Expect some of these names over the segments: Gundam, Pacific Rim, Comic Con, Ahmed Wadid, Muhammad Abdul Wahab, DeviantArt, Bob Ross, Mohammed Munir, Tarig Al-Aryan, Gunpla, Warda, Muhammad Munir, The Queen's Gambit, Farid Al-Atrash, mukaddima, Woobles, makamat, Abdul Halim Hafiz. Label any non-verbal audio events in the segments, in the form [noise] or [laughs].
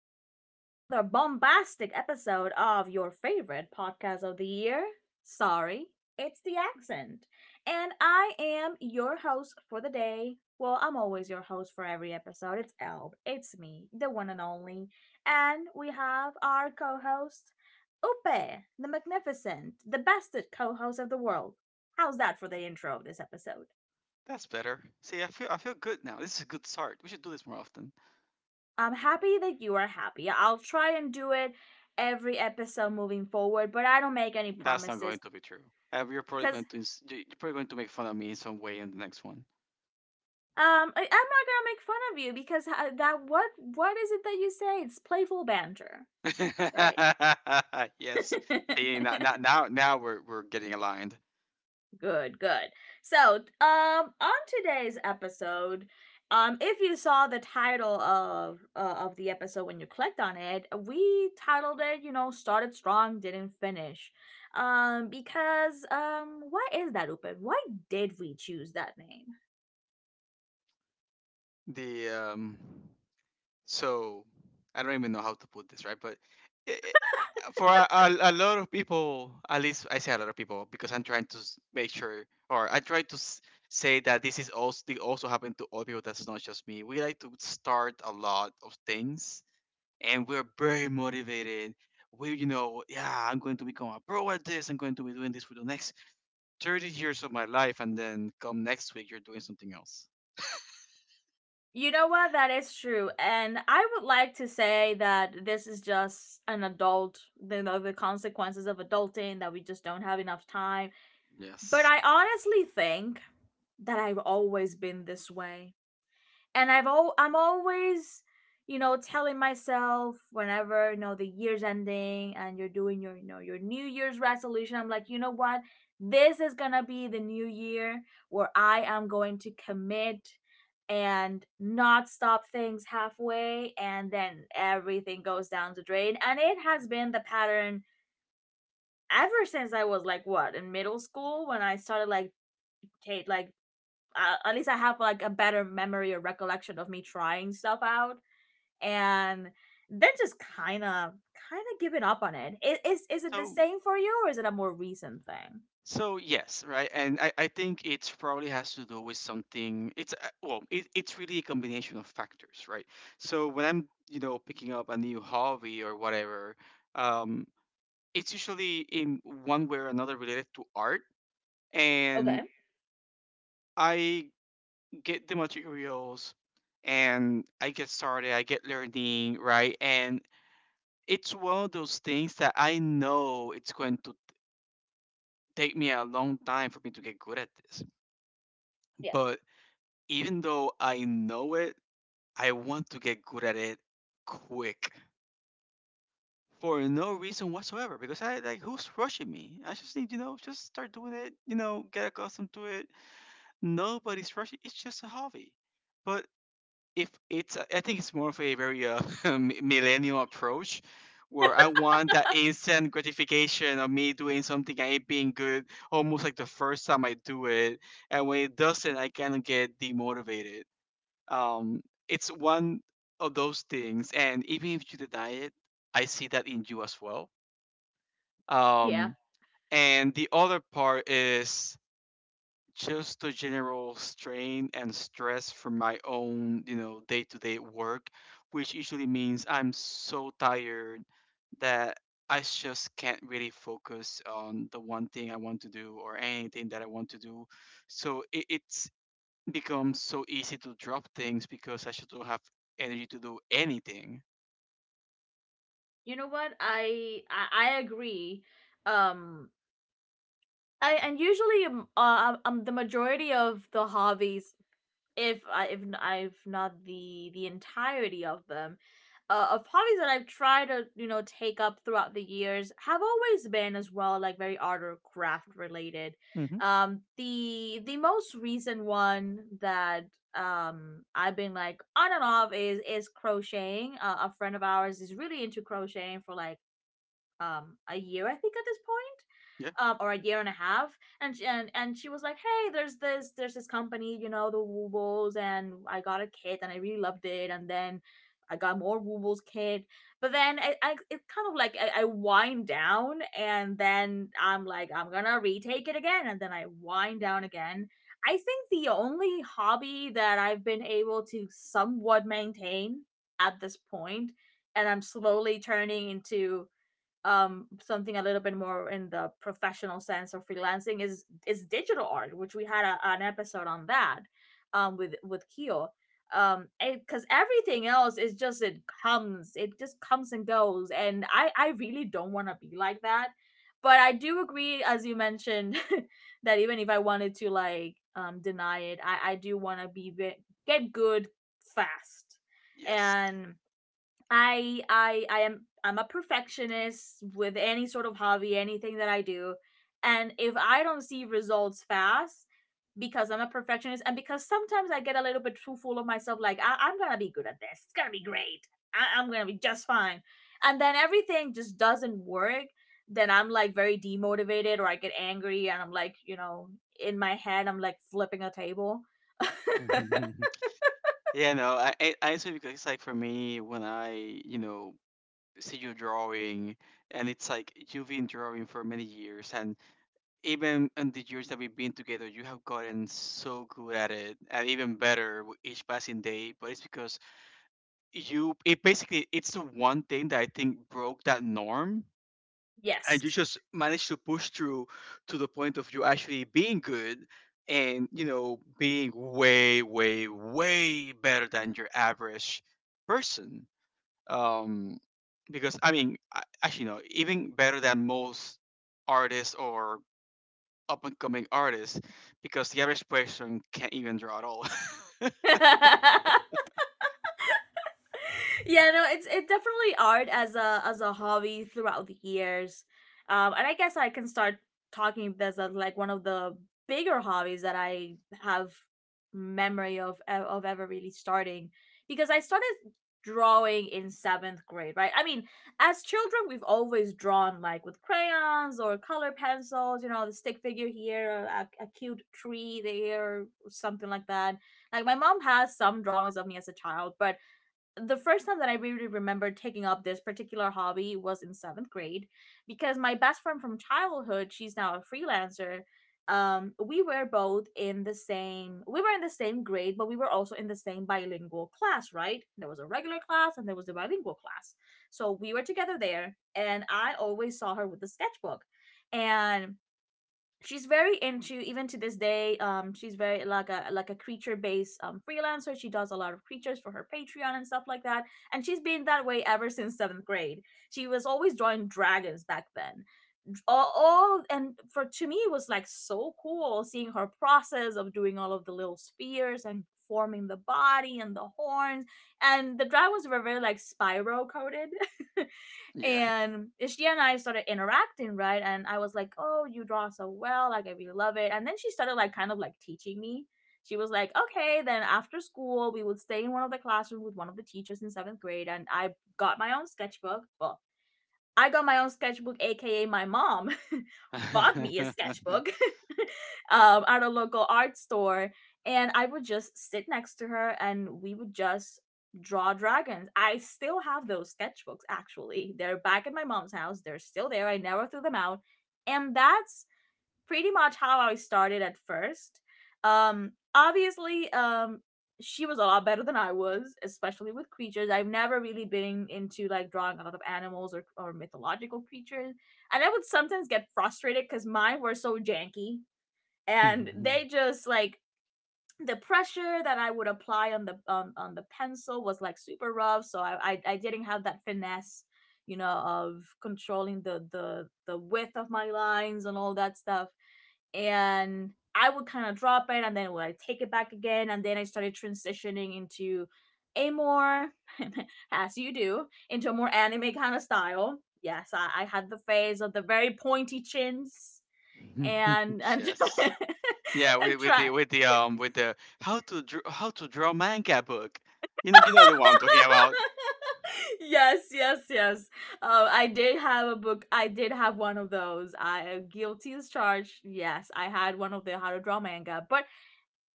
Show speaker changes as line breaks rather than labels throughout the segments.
again to another bombastic episode of your favorite podcast of the year. Sorry, it's the accent. And I am your host for the day. Well, I'm always your host for every episode. It's Elb. It's me, the one and only. And we have our co host, Upe, the magnificent, the bested co host of the world. How's that for the intro of this episode?
That's better. See, I feel good now. This is a good start. We should do this more often.
I'm happy that you are happy. I'll try and do it every episode moving forward, but I don't make any
That's not going
promises
to be true. You're probably
because
going to ins- you- you're probably going to make fun of me in some way in the next one.
I'm not gonna make fun of you because that what is it that you say? It's playful banter, right?
[laughs] Yes. See, now now
[laughs]
now now we're we're getting aligned.
Good, good. So, on today's episode, if you saw the title of the episode when you clicked on it, we titled it, you know, started strong, didn't finish, because why is that, Upin? Why did we choose that name?
The so I don't even know how to put this right, but i i- for a lot of people, at least I say a lot of people because I'm trying to make sure, or I try to say that this is also it also happened to other people. That's not just me. We like to start a lot of things, and we're very motivated. We, you know, yeah, I'm going to become a pro at this. I'm going to be doing this for the next 30 years of my life, and then come next week, you're doing something else.
You know what? That is true, and I would like to say that this is just an adult, you know, the consequences of adulting that we just don't have enough time. But
Yes.
I honestly think that I've always been this way. And I'm always, you know, telling myself whenever, you know, the year's ending and you're doing your, you know, your New Year's resolution, I'm like, you know what? This is going to be the new year where I am going to commit and not stop things halfway and then everything goes down the drain. And it has been the pattern ever since I was like what, in middle school when I started like take like at least I have like a better memory or recollection of me trying stuff out and then just kind of giving up on it. Is it the
So
same for you or is it a more recent thing?
So yes, right, and I think it's probably has to do with something. It's well, it's really a combination of factors, right? So when I'm, you know, picking up a new hobby or whatever, um, it's usually in one way or another related to art, and
Okay.
I get the materials, and I get started, I get learning, right, and it's one of those things that I know it's going to take me a long time for me to get good at this,
Yeah.
but even though I know it, I want to get good at it quick for no reason whatsoever. Because I like, who's rushing me? I just need, you know, just start doing it, you know, get accustomed to it. Nobody's rushing. It's just a hobby. But if it's, I think it's more of a very [laughs] millennial approach where I want that instant gratification of me doing something and it being good almost like the first time I do it. And when it doesn't, I kind of get demotivated. Um, it's one of those things, and even if you deny it, I see that in you as well.
Yeah.
Um, and the other part is just the general strain and stress from my own, you know, day-to-day work, which usually means I'm so tired that I just can't really focus on the one thing I want to do or anything that I want to do. So it, it's becomes so easy to drop things because I should don't have energy to do anything.
You know what? I agree. Um I and usually the majority of the hobbies if I've not the entirety of them, of hobbies that I've tried to, you know, take up throughout the years have always been as well like very art or craft related.
Mm-hmm.
The most recent one that I've been like on and off is crocheting. A friend of ours is really into crocheting for like a year I think at this point,
Yeah.
or a year and a half, and and she was like, "Hey, there's this company, you know, the Woobles, and I got a kit, and I really loved it, and then." I got more Woobles kit, but then I it kind of like I wind down, and then I'm like I'm gonna retake it again, and then I wind down again. I think the only hobby that I've been able to somewhat maintain at this point, and I'm slowly turning into something a little bit more in the professional sense or freelancing is digital art, which we had a, an episode on that with keo, because everything else is just it just comes and goes, and I really don't want to be like that, but I do agree, as you mentioned, [laughs] that even if I wanted to like deny it, I do want to be get good fast.
Yes.
And I'm a perfectionist with any sort of hobby, anything that I do. And if I don't see results fast because I'm a perfectionist and because sometimes I get a little bit too full of myself, like I'm gonna be good at this. It's gonna be great. I'm gonna be just fine. And then everything just doesn't work, then I'm like very demotivated or I get angry and I'm like, you know, in my head I'm like flipping a table. [laughs]
[laughs] Yeah, no, I say because it's like for me when I, you know, see you drawing and it's like you've been drawing for many years and even in the years that we've been together you have gotten so good at it and even better with each passing day, but it's because you, it basically it's the one thing that I think broke that norm, and you
Yes.
just manage to push through to the point of you actually being good and, you know, being way way way better than your average person. um because I mean, actually no, even better than most artists or up and coming artists because the average person can't even draw at all.
[laughs] Yeah, no, it's it definitely art as a hobby throughout the years. Um, and I guess I can start talking this as like one of the bigger hobbies that I have memory of of ever really starting, because I started drawing in seventh grade, right? I mean, as children, we've always drawn like with crayons or color pencils, you know, the stick figure here, a cute tree there, or something like that. Like my mom has some drawings of me as a child, but the first time that I really remember taking up this particular hobby was in seventh grade because my best friend from childhood, she's now a freelancer. We were both in the same, we were in the same grade, but we were also in the same bilingual class, right? There was a regular class and there was a bilingual class. So we were together there and I always saw her with the sketchbook. And she's very into, even to this day, she's very like a creature based freelancer. She does a lot of creatures for her patreon and stuff like that, and she's been that way ever since seventh grade. She was always drawing dragons back then. All, and for to me it was like so cool seeing her process of doing all of the little spheres and forming the body and the horns, and the dragons were very like spiral coated. [laughs]
[laughs] Yeah.
And she and I started interacting, right? And I was like, "Oh, you draw so well! Like, I really love it." And then she started like kind of like teaching me. She was like, "Okay, then after school, we would stay in one of the classrooms with one of the teachers in seventh grade." And I got my own sketchbook. Well, I got my own sketchbook, aka my mom [laughs] bought me a sketchbook,
[laughs]
[laughs] at a local art store. And I would just sit next to her and we would just draw dragons. I still have those sketchbooks, actually. They're back at my mom's house, they're still there. I never threw them out. And that's pretty much how I started at first. Obviously, she was a lot better than I was, especially with creatures. I've never really been into like drawing a lot of animals or mythological creatures. And I would sometimes get frustrated because mine were so janky and they
[laughs]
just like the pressure that I would apply on on the pencil was like super rough. So I didn't have that finesse, you know, of controlling the the width of my lines and all that stuff, and I would kind of drop it and then would I take it back again, and then I started transitioning into a more [laughs] as you do, into a more anime kind of style. Yes, I had the phase of the very pointy chins and
Yes.
[laughs]
Yeah,
and
with, with the
try.
with the um with the how to draw manga book. You know the one I'm talking about.
Yes, yes, yes. I did have a book. I did have one of those. I guilty as charged. Yes, I had one of the how to draw manga, but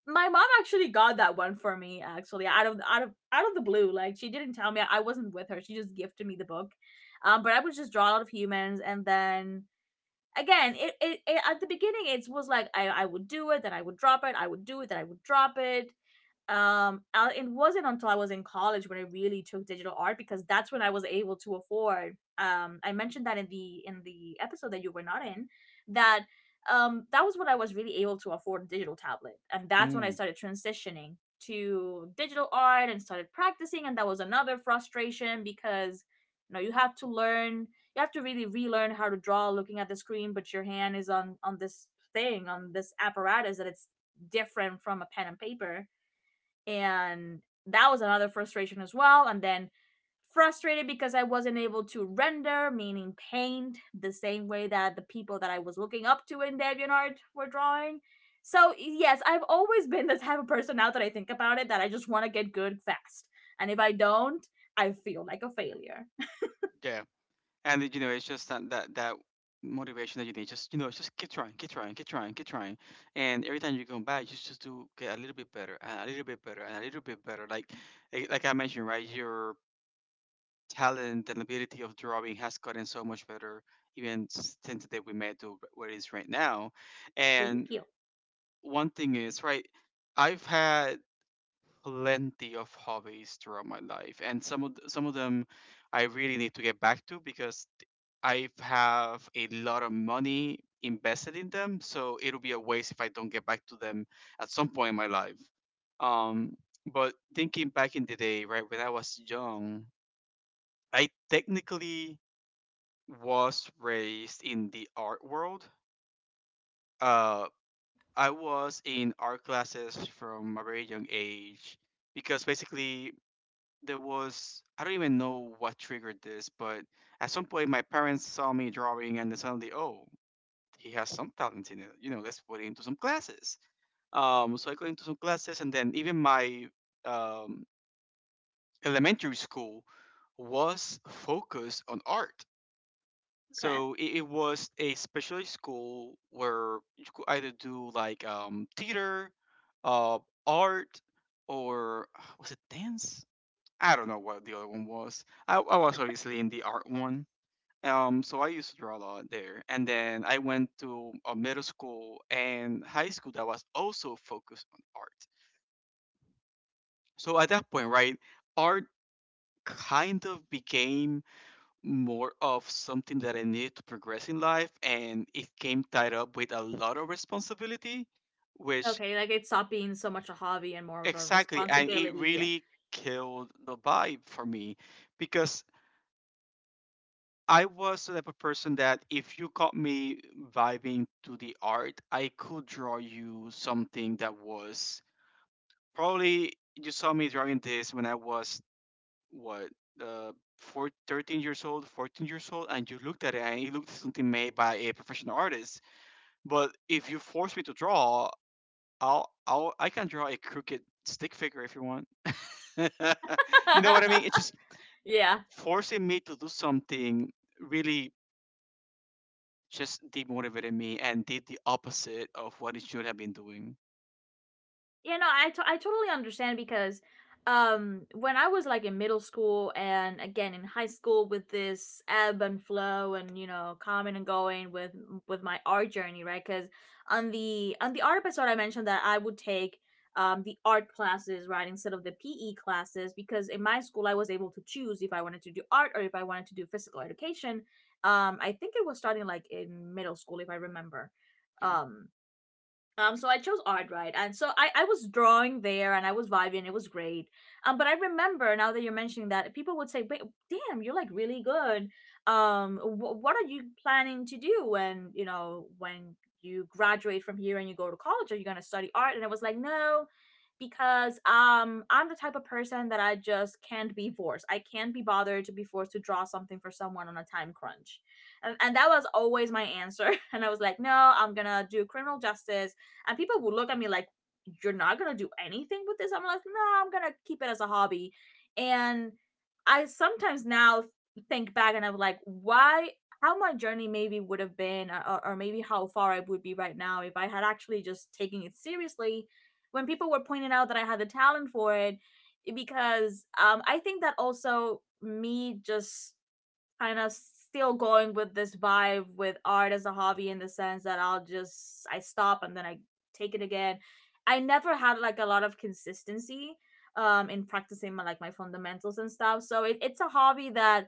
my mom actually got that one for me actually out of the blue. Like, she didn't tell me, I wasn't with her, she just gifted me the book, but I was just drawn out of humans. And then again, it at the beginning it was like, I would do it then I would drop it, I would do it then I would drop it. It wasn't until I was in college when I really took digital art, because that's when I was able to afford, I mentioned that in the episode that you were not in, that that was when I was really able to afford a digital tablet, and that's when I
Mm.
started transitioning to digital art and started practicing. And that was another frustration because, you know, you have to learn, you have to really relearn how to draw looking at the screen but your hand is on this thing, on this apparatus that it's different from a pen and paper. And that was another frustration as well. And then frustrated because I wasn't able to render, meaning paint, the same way that the people that I was looking up to in deviantart were drawing. So yes, I've always been the type of person, now that I think about it, that I just want to get good fast, and if I don't, I feel like a failure.
Yeah, and you know, it's just that
[laughs]
that motivation that you need. Just, you know, just keep trying, keep trying, keep trying, keep trying. And every time you come back, you just do get a little bit better and a little bit better and a little bit better. Like eh, like I mentioned, right? Your talent and ability of drawing has gotten so much better even since the day we met to where it is right now.
Thank
And
you.
one thing is right. I've had plenty of hobbies throughout my life, and some of them I really need to get back to because I have a lot of money invested in them, so it'll be a waste if I don't get back to them at some point in my life. Um, but thinking back in the day, right, when I was young, I technically was raised in the art world. Uh, I was in art classes from a very young age because basically there was, I don't even know what triggered this, but at some point my parents saw me drawing and they suddenly, oh, he has some talent in it. You know, let's put him into some classes. So I got into some classes, and then even my um, elementary school was focused on art.
Okay.
So it was a specialized school where you could either do like theater, uh, art, or was it dance? I don't know what the other one was. I was obviously in the art one. So I used to draw a lot there. And then I went to a middle school and high school that was also focused on art. So at that point, right, art kind of became more of something that I needed to progress in life. And it came tied up with a lot of responsibility, which
Okay, like it stopped being so much a hobby and more of a
exactly, and it
responsibility.
really killed the vibe for me because I was the type of person that if you caught me vibing to the art, I could draw you something that was probably, you saw me drawing this when I was what, uh, four, 13 years old, 14 years old, and you looked at it and it looked something made by a professional artist. But if you force me to draw, I'll I can draw a crooked stick figure if you want. [laughs] You know what I mean? It's just
[laughs] Yeah.
forcing me to do something really just demotivated me and did the opposite of what it should have been doing.
You know, I, t I totally understand because when I was like in middle school and again in high school with this ebb and flow and, you know, coming and going with my Art journey, right? Because on the art episode I mentioned that I would take the art classes, right, instead of the PE classes, because in my school I was able to choose if I wanted to do art or if I wanted to do physical education. I think it was starting like in middle school, if I remember.
Okay.
um so I chose art, right? And so I was drawing there and I was vibing, it was great. But I remember now that you're mentioning that, people would say, wait, damn, you're like really good. What are you planning to do when, you know, when you graduate from here and you go to college? Are you going to study art? And I was like, no, because I'm the type of person that I just can't be forced. I can't be bothered to be forced to draw something for someone on a time crunch. And that was always my answer. [laughs] And I was like, no, I'm going to do criminal justice, and people would look at me like, you're not gonna do anything with this. I'm like, no, I'm gonna keep it as a hobby. And I sometimes now think back and I'm like, why? How my journey maybe would have been, or maybe how far I would be right now if I had actually just taken it seriously, when people were pointing out that I had the talent for it. Because I think that also me just kind of still going with this vibe with art as a hobby, in the sense that I stop and then I take it again. I never had like a lot of consistency in practicing my fundamentals and stuff. So it's a hobby that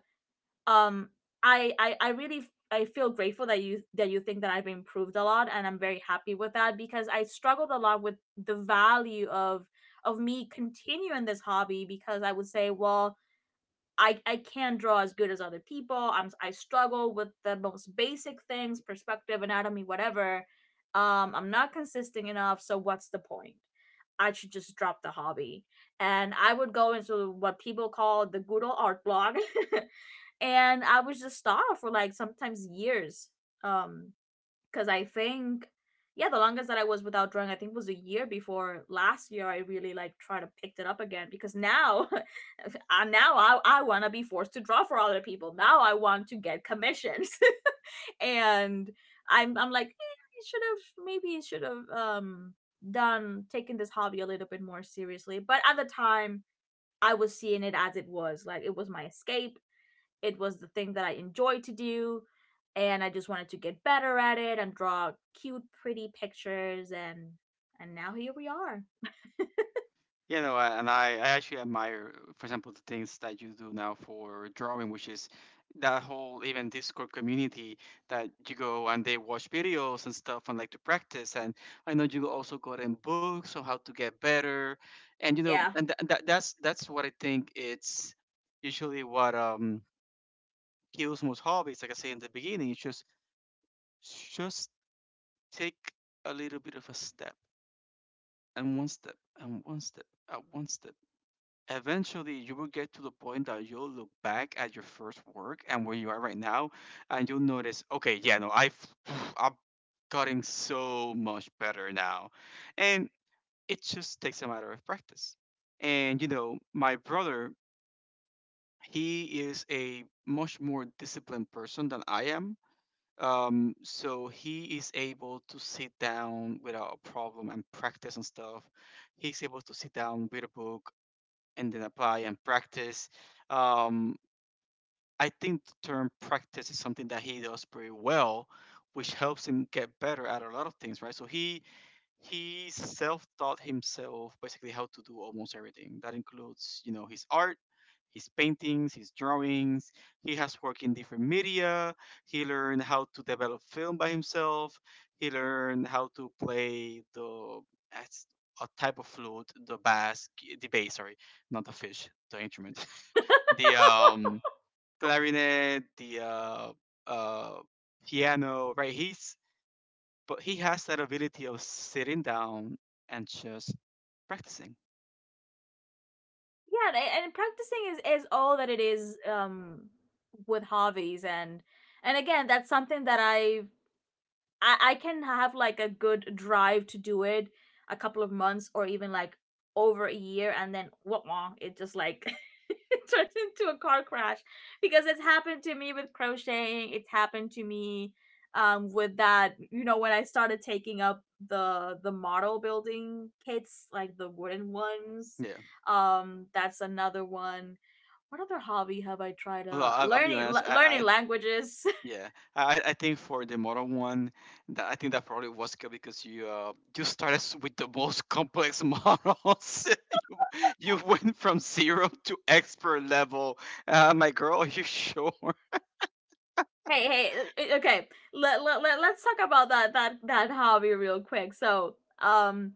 um I really, I feel grateful that you think that I've improved a lot, and I'm very happy with that, because I struggled a lot with the value of me continuing this hobby. Because I would say, well, I can draw as good as other people. I struggle with the most basic things, perspective, anatomy, whatever. I'm not consistent enough, so what's the point? I should just drop the hobby. And I would go into what people call the good old art blog, [laughs] and I was just starved for like sometimes years. Um, because I think, yeah, the longest that I was without drawing, I think, was a year before last year I really like try to pick it up again. Because now, [laughs] now I want to be forced to draw for other people. Now I want to get commissions, [laughs] and I'm like, eh, I should have, maybe should have, done taking this hobby a little bit more seriously. But at the time, I was seeing it as it was. Like, it was my escape, it was the thing that I enjoyed to do, and I just wanted to get better at it and draw cute pretty pictures, and now here we are.
You know, and I actually admire, for example, the things that you do now for drawing, which is that whole even Discord community that you go and they watch videos and stuff and like to practice. And I know you also got in books on how to get better. And, you know,
Yeah.
and that's what I think it's usually what kills most hobbies. Like I say in the beginning, it's just take a little bit of a step, and one step, and one step, and one step. Eventually, you will get to the point that you'll look back at your first work and where you are right now, and you'll notice, okay, yeah, no, I've [sighs] I'm cutting so much better now, and it just takes a matter of practice. And you know, my brother, he is a much more disciplined person than I am, so he is able to sit down without a problem and practice and stuff. He's able to sit down with a book and then apply and practice. Um, I think the term practice is something that he does pretty well, which helps him get better at a lot of things, right? So he self-taught himself basically how to do almost everything. That includes, you know, his art, his paintings, his drawings. He has worked in different media. He learned how to develop film by himself. He learned how to play the as a type of flute, the bass, sorry, not the fish, the instrument, [laughs] the clarinet, the uh piano, right? He's but he has that ability of sitting down and just practicing.
Yeah, and practicing is all that it is, with hobbies. And again, that's something that I I can have like a good drive to do it a couple of months or even like over a year, and then wah, wah, it just like [laughs] it turns into a car crash. Because it's happened to me with crocheting, it's happened to me with that, you know, when I started taking up the model building kits, like the wooden ones.
Yeah.
Um, that's another one. What other hobby have I tried?
Well, I'll be
Learning,
honest. I,
learning
I
languages.
yeah. I think for the model one, that I think that probably was good because you you started with the most complex [laughs] models. [laughs] you, you went from zero to expert level. My girl, are you sure? [laughs]
Hey, hey, okay. Let's talk about that hobby real quick. So,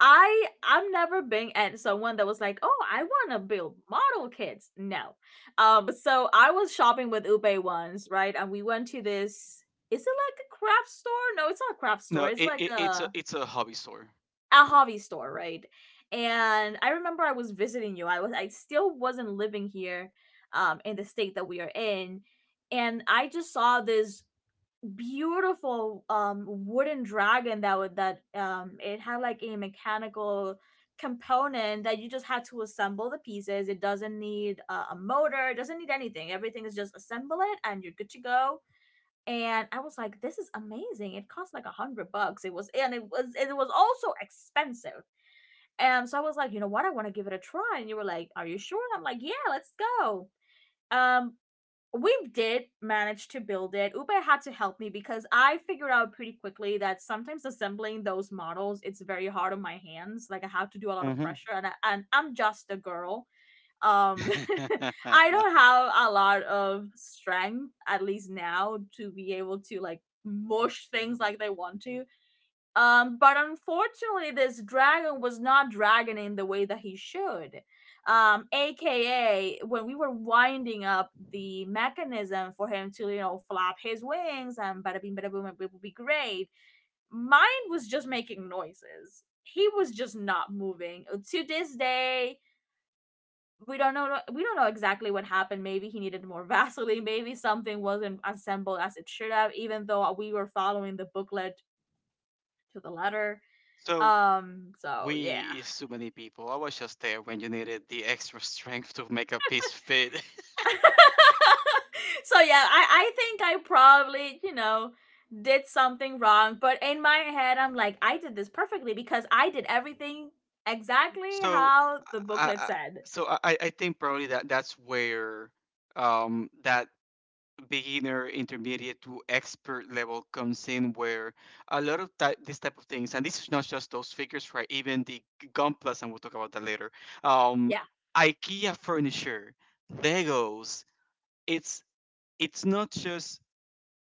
I I've never been at someone that was like, "Oh, I want to build model kits." No. Um, so I was shopping with Ube once, right? And we went to this, is it like a craft store? No, it's not a craft store.
No,
It's
it,
like
it it's a it's a hobby store.
a hobby store, right? And I remember I was visiting you. I was, I still wasn't living here in the state that we are in, and I just saw this beautiful wooden dragon that would, that it had like a mechanical component that you just had to assemble the pieces. It doesn't need a motor, it doesn't need anything, everything is just assemble it and you're good to go. And I was like, this is amazing. It cost like 100 bucks... wait. It was, and it was, it was also expensive. And so I was like, you know what, I want to give it a try. And you were like, are you sure? And I'm like, yeah, let's go. um we did manage to build it. Uber had to help me because I figured out pretty quickly that sometimes assembling those models it's very hard on my hands. Like I have to do a lot of
Hmm.
pressure, and I'm just a girl. Um, [laughs] I
[laughs]
don't have a lot of strength, at least now, to be able to like mush things like they want to. But unfortunately, this dragon was not dragoning the way that he should. AKA, when we were winding up the mechanism for him to, you know, flap his wings and bada bing, bada boom, it would be great, mine was just making noises. He was just not moving. To this day, we don't know exactly what happened. Maybe he needed more [laughs] vaseline, maybe something wasn't assembled as it should have, even though we were following the booklet to the letter.
So
Um, so yeah.
we is too many people. I was just there when you needed the extra strength to make a piece fit. [laughs]
[laughs] So yeah, I think I probably, you know, did something wrong, but in my head I'm like, I did this perfectly, because I did everything exactly
So,
how the
I,
booklet
I
said.
so I think probably that that's where that beginner, intermediate to expert level comes in, where a lot of type, this type of things, and this is not just those figures, right? Even the Gunplas, and we'll talk about that later. Um,
Yeah.
IKEA furniture, Legos. It's it's not just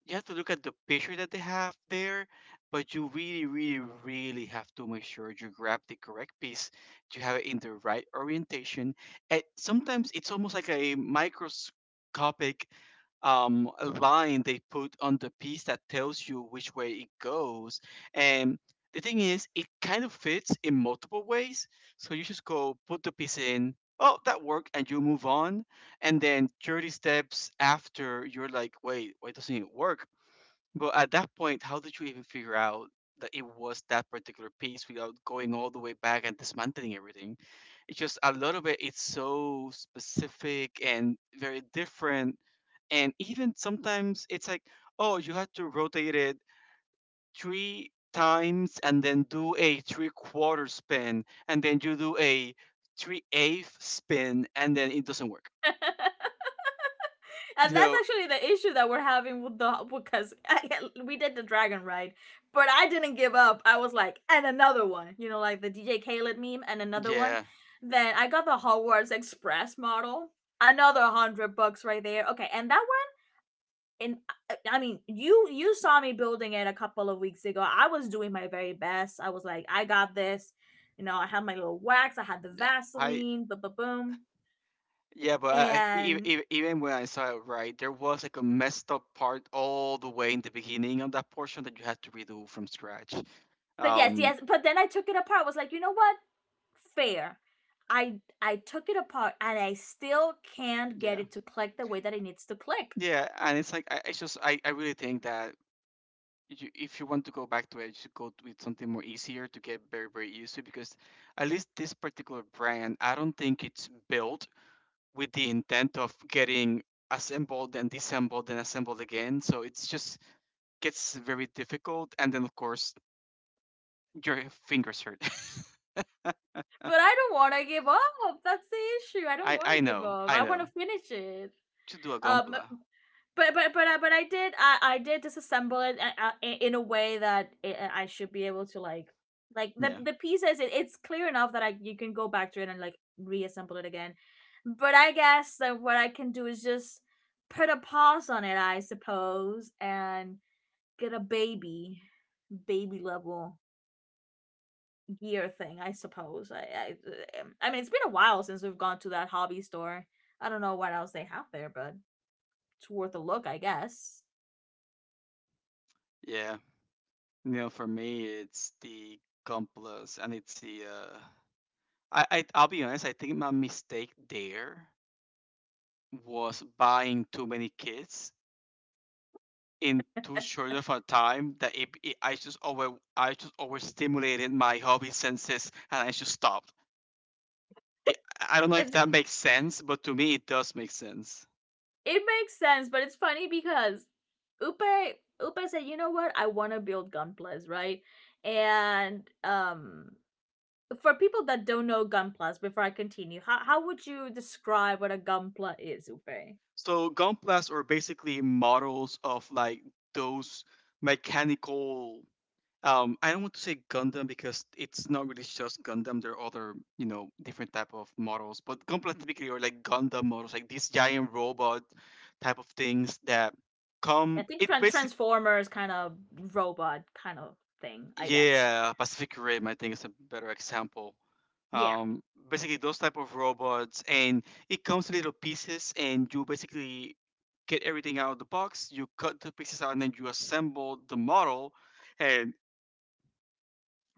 you have to look at the picture that they have there, but you really, really, really have to make sure you grab the correct piece to have it in the right orientation. And sometimes it's almost like a microscopic line they put on the piece that tells you which way it goes. And the thing is, it kind of fits in multiple ways. So you just go put the piece in. Oh, that worked, and you move on. And then 30 steps after, you're like, wait, why doesn't it work? But at that point, how did you even figure out that it was that particular piece without going all the way back and dismantling everything? It's just a lot of it,'s so specific and very different. And even sometimes it's like, oh, you have to rotate it three times and then do a three quarter spin, and then you do a three eighth spin, and then it doesn't work. You
And that's
know,
actually the issue that we're having with the, [laughs] we did the dragon ride, but I didn't give up. I was like, and another one, you know, like the DJ Khaled meme. And another one.
yeah,
Then I got the Hogwarts Express model, another hundred bucks right there, okay. And that one, and I mean, you saw me building it a couple of weeks ago. I was doing my very best, I was like, I got this, you know. I had my little wax, I had the
yeah. I.
vaseline, boom boom boom.
Yeah, but I e-
And,
e- e, even when I saw it right, there was like a messed up part all the way in the beginning of that portion that you had to redo from scratch.
but yes,
Um,
yes, but then I took it apart. I was like, you know what, fair. I took it apart, and I still can't get
yeah,
it to click the way that it needs to click.
yeah, and it's like I really think that you, if you want to go back to it, you should go with something more easier to get very very used to because at least this particular brand, I don't think it's built with the intent of getting assembled and disassembled and assembled again. So it's just gets very difficult, and then of course your fingers hurt. [laughs]
But I don't want to give up. That's the issue. I don't
I
want to
I
give
know,
up.
I
I want
know.
to finish it.
Just do a
Um,
Gompla.
but I did, I did disassemble it, in a way that it, I should be able to like the
Yeah,
pieces. It, it's clear enough that I you can go back to it and like reassemble it again. But I guess that what I can do is just put a pause on it, I suppose, and get a baby, baby level gear thing. I suppose. I mean, it's been a while since we've gone to that hobby store. I don't know what else they have there, but it's worth a look, I guess.
yeah. You know, for me, it's the Gomplas, and it's the. I'll be honest. I think my mistake there was buying too many kits in too short of a time. That it I just over I just overstimulated my hobby senses, and I just stopped. It, I don't know if
It
that makes sense, but to me, it does make sense.
it makes sense, but it's funny because Upe Upe said, you know what? I want to build Gunplas, right? And for people that don't know Gunplas, before I continue, how would you describe what a Gunpla is, Upe?
So gunplas are basically models of like those mechanical. I don't want to say Gundam because it's not really just Gundam. There are other, you know, different type of models, but gunpla typically are like Gundam models, like these giant robot type of things that
I
come.
think,
It basically
Transformers kind of, robot kind of thing, I guess.
Yeah, Pacific Rim, I think is a better example.
Yeah.
Um, Basically those type of robots, and it comes in little pieces, and you basically get everything out of the box. You cut the pieces out, and then you assemble the model, and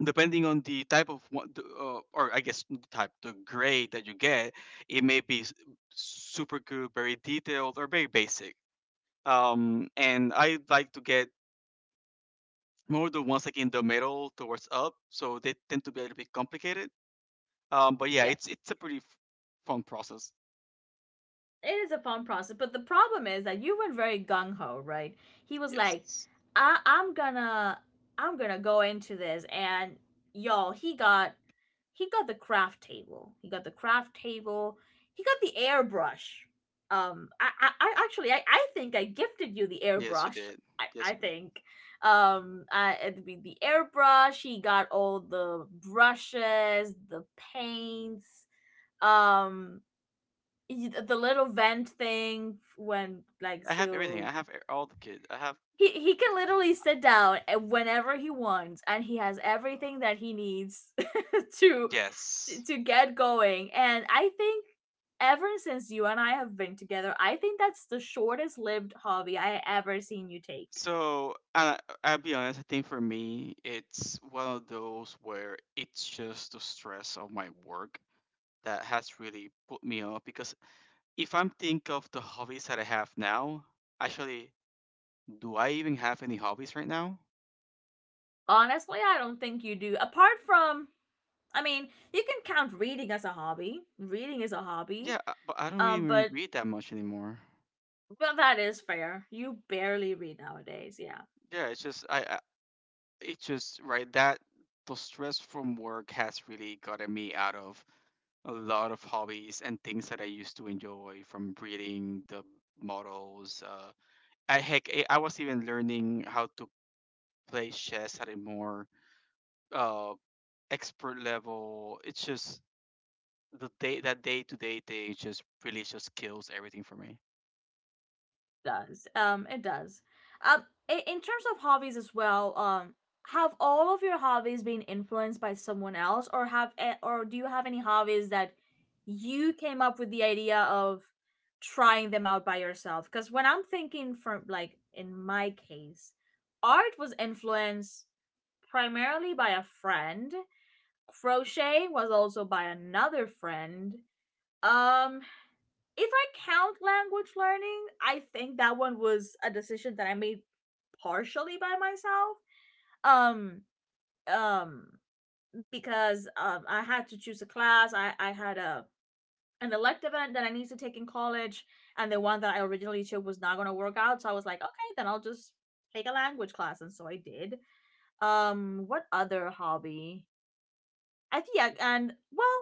depending on the type of what, the, or I guess not the type, the grade that you get, it may be super good, very detailed, or very basic. And I like to get more the ones like in the middle towards up, so they tend to be a little bit complicated. But yeah,
Yeah.
it's a pretty fun process.
It is a fun process, but the problem is that you went very gung-ho, right? He was like,
Yes,
I'm gonna, I'm gonna go into this. And y'all, he got the craft table, he got the airbrush. I actually, I think I gifted you the
yes, you
airbrush,
did. Yes,
I
you did.
think. It'd be the airbrush, he got all the brushes, the paints, um y- the little vent thing when like
I have everything.
to.
I have all the kids. I have.
He can literally sit down whenever he wants, and he has everything that he
Uh,
needs [laughs] to,
yes.
to get going. And I think ever since you and I have been together, I think that's the shortest lived hobby I ever seen you take.
So I'll be honest. I think for me, it's one of those where it's just the stress of my work that has really put me off. Because if I'm think of the hobbies that I have now, actually, do I even have any hobbies right now?
Honestly, I don't think you do, apart from, I mean, you can count reading as a hobby. Reading is a hobby.
Yeah, but I don't
um
even
but
read that much anymore.
but that is fair. You barely read nowadays, yeah.
Yeah, it's just I. It's just right that the stress from work has really gotten me out of a lot of hobbies and things that I used to enjoy from reading the models. I heck, I was even learning how to play chess at a more uh, expert level. It's just the day that day to day thing just really just kills everything for me.
Does. It does. In terms of hobbies as well, have all of your hobbies been influenced by someone else, or do you have any hobbies that you came up with the idea of trying them out by yourself? Because when I'm thinking from like in my case, art was influenced primarily by a friend. Crochet was also by another friend. Um, if I count language learning, I think that one was a decision that I made partially by myself. Um um because I had to choose a class. I had a an elective that I needed to take in college, and the one that I originally took was not going to work out, so I was like, okay, then I'll just take a language class, and so I did. What other hobby? I think yeah,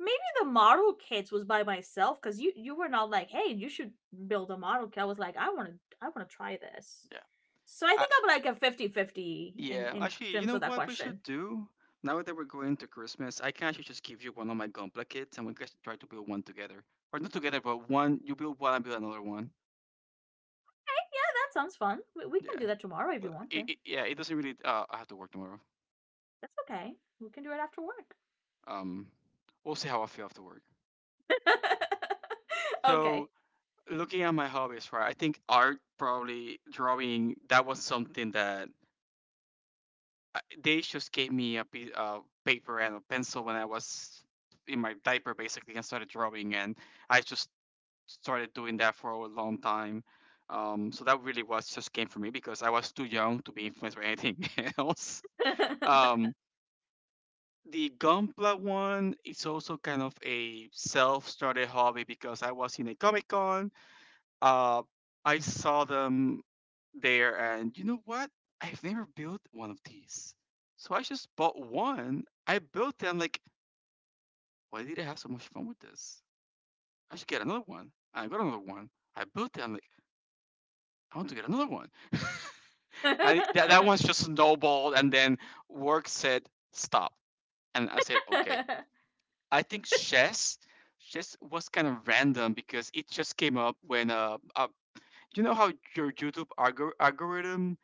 maybe the model kits was by myself because you were not like, hey, you should build a model kit. I was like, I want to try this.
Yeah.
So I
I,
think I'm like a 50 50 in
yeah,
in
actually, you
terms
know
of that
what we
question.
should do? Now that we're going to Christmas, I can actually just give you one of my Gunpla kits and we can try to build one together. Or not together, but one, you build one, I build another one.
Yeah, that sounds fun. We can
Yeah.
do that tomorrow if you
But
want to.
yeah, it doesn't really, I have to work tomorrow.
That's okay. We can do it after work.
Um, we'll see how I feel after work.
[laughs] okay.
So, looking at my hobbies, right, I think art, probably drawing, that was something that I, they just gave me a piece of paper and a pencil when I was in my diaper basically and started drawing and I just started doing that for a long time. So that really was just game for me because I was too young to be influenced by anything [laughs] else.
[laughs]
Um, the Gunpla one is also kind of a self-started hobby because I was in a Comic Con. Uh, I saw them there, and you know what? I've never built one of these, so I just bought one. I built them like, why did I have so much fun with this? I should get another one. I got another one. I built them like, I want to get another one. [laughs] And that, that one's just snowballed and then work said stop. And I said, okay. I think chess was kind of random because it just came up when you know how your YouTube algorithm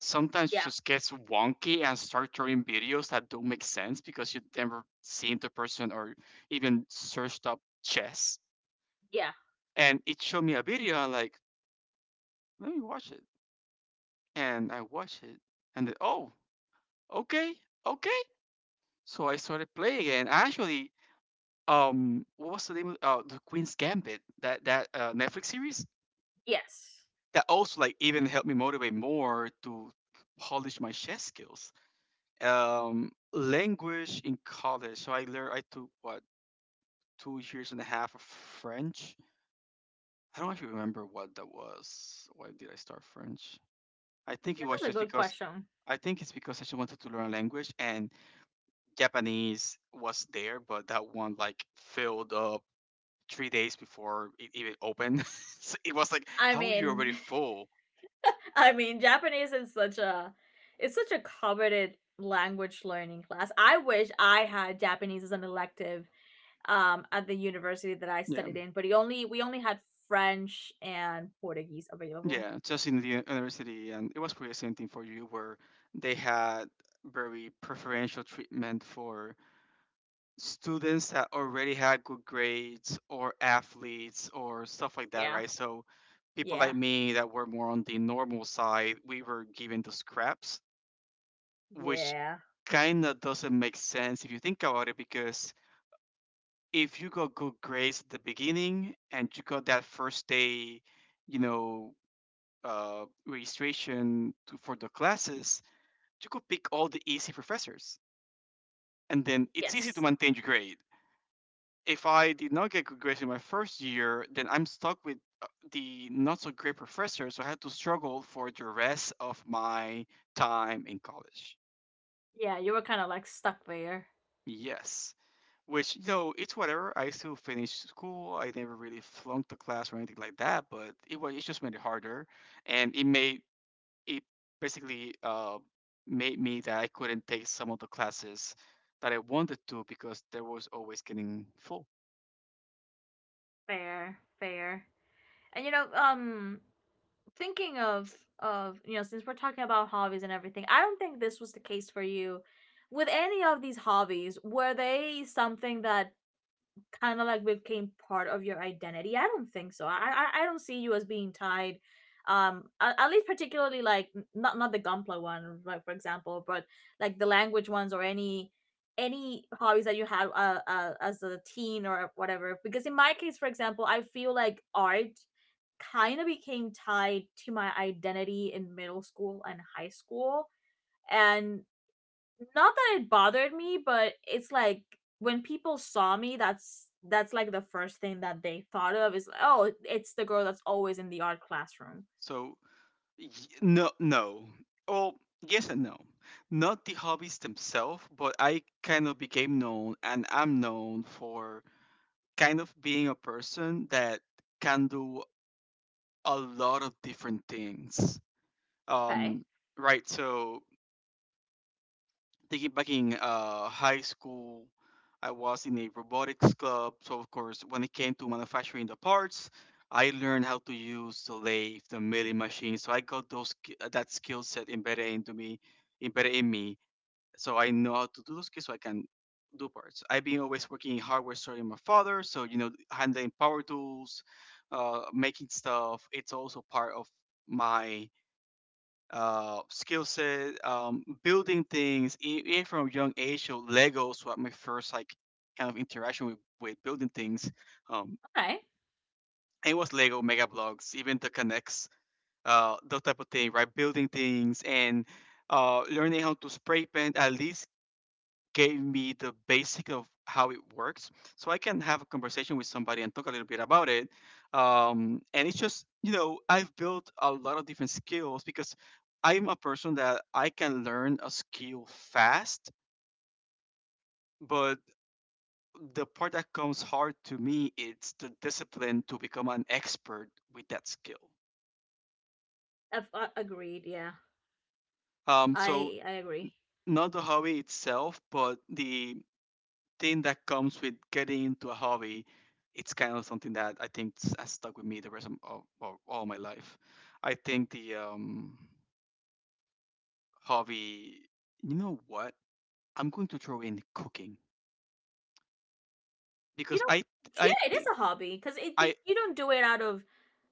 sometimes
yeah.
just gets wonky and start throwing videos that don't make sense because you never seen the person or even searched up chess.
Yeah.
And it showed me a video I'm like, let me watch it. And I watched it and then oh okay, okay. So I started playing it, and actually, what was the name of the Queen's Gambit? That that Netflix series
Yes.
that also like even helped me motivate more to polish my chess skills. Language in college, so I learned I took what 2 years and a half of French. I don't actually remember what that was. Why did I start French? I think
Yeah,
it was
that's a
just
good
because
question.
I think it's because I just wanted to learn a language and Japanese was there, but that one like filled up 3 days before it even opened. [laughs] So it was like,
I
how are you already
mean,
full?
I mean, Japanese is such a, it's such a coveted language learning class. I wish I had Japanese as an elective at the university that I
Yeah,
studied in, but he only we only had French and Portuguese available.
yeah, just in the university, and it was pretty the same thing for you, where they had very preferential treatment for students that already had good grades or athletes or stuff like that,
Yeah.
right? So people
Yeah.
like me that were more on the normal side, we were given the scraps which
Yeah.
kind of doesn't make sense if you think about it because if you got good grades at the beginning and you got that first day you know registration to, for the classes you could pick all the easy professors and then it's easy to
Yes.
maintain your grade if I did not get good grades in my first year then I'm stuck with the not so great professor so I had to struggle for the rest of my time in college.
Yeah, you were kind of like stuck there.
Yes. Which, you know, it's whatever. I still finished school. I never really flunked the class or anything like that, but it was it just made it harder, and it made it basically made me that I couldn't take some of the classes that I wanted to because there was always getting full.
Fair, fair. And you know, thinking of you know, since we're talking about hobbies and everything, I don't think this was the case for you with any of these hobbies. Were they something that kind of like became part of your identity? I don't think so. I don't see you as being tied at least particularly like, not the Gunpla one like for example, but like the language ones or any hobbies that you had as a teen or whatever, because in my case for example I feel like art kind of became tied to my identity in middle school and high school. And not that it bothered me, but it's like when people saw me, that's like the first thing that they thought of is, oh, it's the girl that's always in the art classroom.
So y- no, no. Well, yes and no. Not the hobbies themselves, but I kind of became known, and I'm known for kind of being a person that can do a lot of different things.
Okay,
Um, right. So thinking back in high school, I was in a robotics club. So of course, when it came to manufacturing the parts, I learned how to use the lathe, the milling machine. So I got those that skill set embedded into me, embedded in me. So I know how to do those skills. So I can do parts. I've been always working in hardware store with my father. So you know, handling power tools, making stuff. It's also part of my skill set, building things, even from a young age. So Legos were my first like kind of interaction with building things. Um,
okay,
and it was Lego, Mega Bloks, even the Connects, those type of thing, right? Building things and learning how to spray paint at least gave me the basic of how it works so I can have a conversation with somebody and talk a little bit about it. And it's just you know I've built a lot of different skills because I'm a person that I can learn a skill fast but the part that comes hard to me is the discipline to become an expert with that skill.
agreed. Yeah,
So
I agree.
not the hobby itself but the thing that comes with getting into a hobby, it's kind of something that I think has stuck with me the rest of all my life. I think the hobby, you know what? I'm going to throw in cooking
You
because
know,
I
yeah, it is
think
a hobby because it you,
I
don't do it out of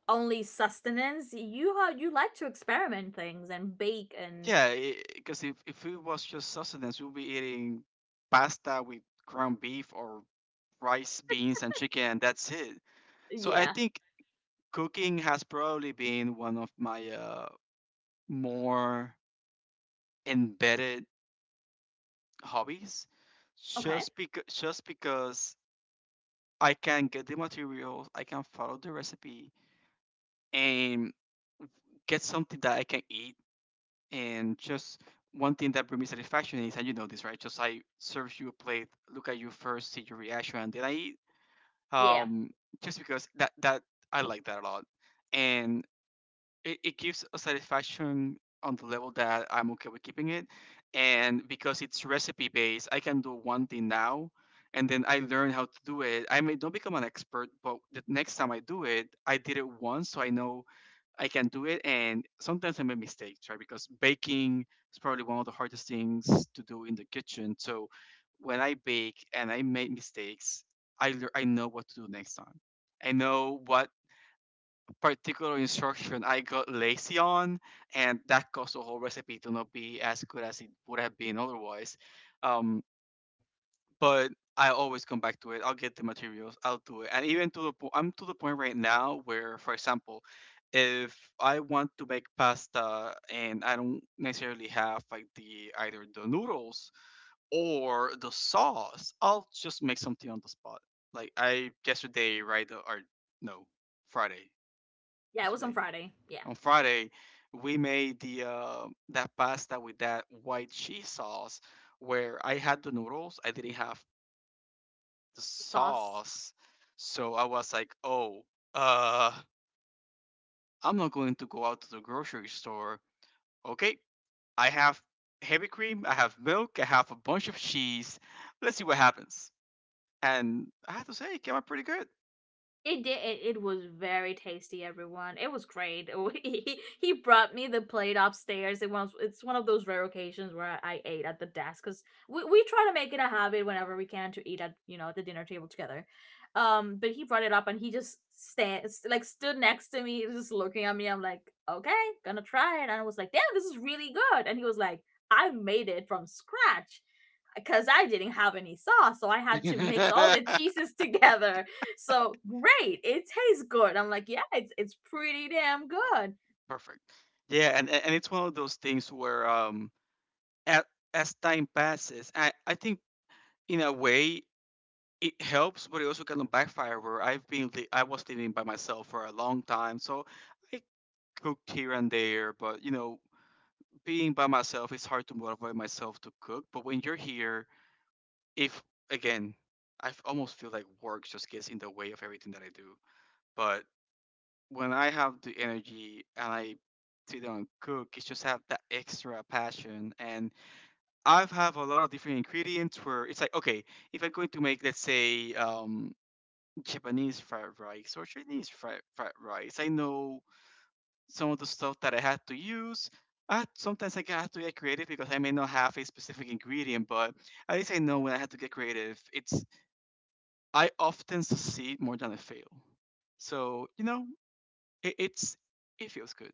only sustenance. You like to experiment things and bake, and
yeah because if it was just sustenance, we'll be eating pasta with ground beef or rice, beans, and chicken, and that's it. So I
yeah.
think cooking has probably been one of my more embedded hobbies
Okay.
just because I can get the materials, I can follow the recipe and get something that I can eat. And just one thing that brings me satisfaction is, and you know this, right? Just I serve you a plate, look at you first, see your reaction, and then I eat.
Yeah.
Um, just because that I like that a lot. And it gives a satisfaction on the level that I'm okay with keeping it. And because it's recipe based, I can do one thing now and then I learn how to do it. I may not become an expert, but the next time I do it, I did it once so I know I can do it. And sometimes I make mistakes, right? Because baking is probably one of the hardest things to do in the kitchen. So when I bake and I make mistakes, I know what to do next time. I know what particular instruction I got lazy on, and that caused the whole recipe to not be as good as it would have been otherwise. Um, but I always come back to it. I'll get the materials. I'll do it. And even I'm to the point right now where, for example, if I want to make pasta and I don't necessarily have like the either the noodles or the sauce, I'll just make something on the spot. Like I yesterday, right? Or no, Friday.
Yeah, it was on
Yesterday
Friday. Yeah.
on Friday, we made the that pasta with that white cheese sauce, where I had the noodles, I didn't have the
The sauce.
sauce, so I was like, oh, uh, I'm not going to go out to the grocery store. Okay, I have heavy cream, I have milk, I have a bunch of cheese. Let's see what happens. And I have to say, it came out pretty good.
It did. It was very tasty, everyone. It was great. [laughs] He brought me the plate upstairs. It's one of those rare occasions where I ate at the desk because we try to make it a habit whenever we can to eat at, you know, at the dinner table together. But he brought it up and he just stand like stood next to me, just looking at me. I'm like, okay, gonna try it. And I was like, damn, this is really good. And he was like, I made it from scratch because I didn't have any sauce, so I had to mix all the
[laughs]
cheeses [laughs] together, so great, it tastes good. I'm like, yeah, it's pretty damn
Uh,
good.
Perfect. Yeah, and it's one of those things where as, as time passes, I think in a way it helps, but it also kind of backfire where I was living by myself for a long time, so I cooked here and there, but you know, being by myself, it's hard to motivate myself to cook. But when you're here, if again, almost feel like work just gets in the way of everything that I do. But when I have the energy and I sit down and cook, it's just have that extra passion and I've have a lot of different ingredients where it's like okay, if I'm going to make let's say Japanese fried rice or Chinese fried rice, I know some of the stuff that I had to use. I had, sometimes like, I got to get creative because I may not have a specific ingredient, but at least I know when I had to get creative. It's I often succeed more than I fail, so you know it's it feels good.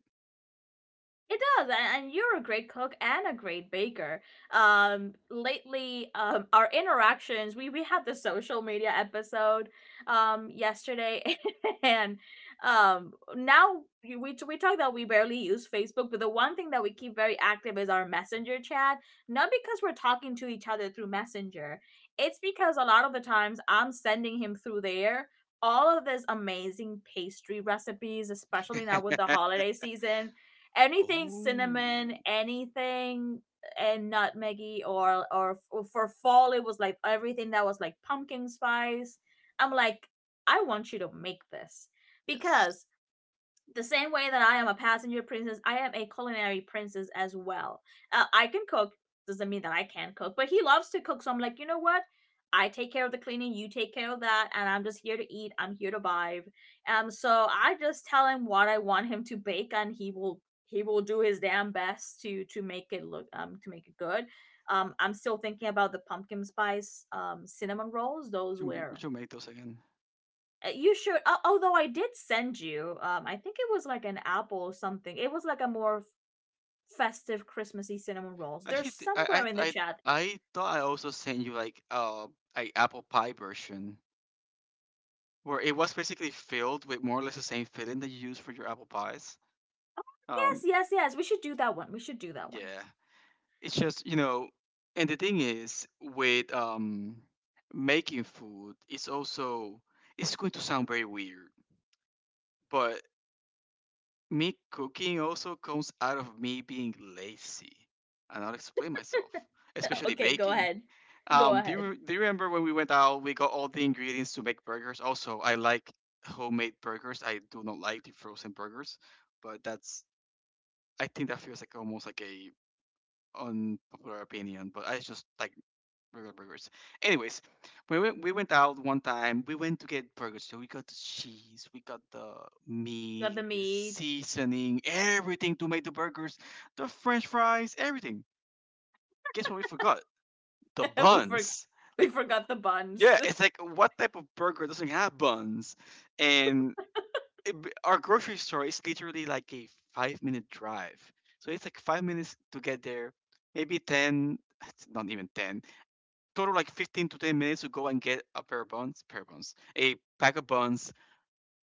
It does, and you're a great cook and a great baker. Lately, our interactions, we had the social media episode, yesterday, [laughs] and now we talk that we barely use Facebook, but the one thing that we keep very active is our Messenger chat. Not because we're talking to each other through Messenger, it's because a lot of the times I'm sending him through there all of these amazing pastry recipes, especially now with the
[laughs]
holiday season, anything
oh
cinnamon, anything and nutmeggy or for fall it was like everything that was like pumpkin spice. I'm like, I want you to make this
yes,
because the same way that I am a passenger princess, I am a culinary princess as well. I can cook, doesn't mean that I can not cook, but he loves to cook, so I'm like, you know what? I take care of the cleaning, you take care of that, and I'm just here to eat, I'm here to vibe. So I just tell him what I want him to bake, and he will do his damn best to make it look to make it good. I'm still thinking about the pumpkin spice cinnamon rolls. Those
we
were
should make those again.
you should, although I did send you, I think it was like an apple or something. It was like a more festive Christmassy cinnamon rolls. They're
Actually,
somewhere
I
in the
I I
chat.
I thought I also sent you like a apple pie version where it was basically filled with more or less the same filling that you use for your apple pies.
Yes,
Um,
yes, yes. We should do that one. We should do that one.
yeah, it's just you know, and the thing is with making food, it's also it's going to sound very weird, but me cooking also comes out of me being lazy, and I'll explain myself,
[laughs]
especially
Okay, go
baking.
ahead. Go ahead.
Do you remember when we went out? We got all the ingredients to make burgers. Also, I like homemade burgers. I do not like the frozen burgers, but that's I think that feels like almost like a unpopular opinion. But I just like regular burgers. Anyways, we went out one time. We went to get burgers. So we got the cheese, we got the
Got
meat,
the
the
meat.
seasoning, everything to make the burgers, the French fries, everything. Guess what we forgot? The
[laughs] we for-
buns.
we
Like
forgot the buns.
yeah, it's
[laughs]
like what type of burger doesn't have buns? And our grocery store is literally like a 5-minute drive. So it's like 5 minutes to get there, maybe 10, it's not even 10, total like 15 to 10 minutes to go and get a pair of buns, a pack of buns.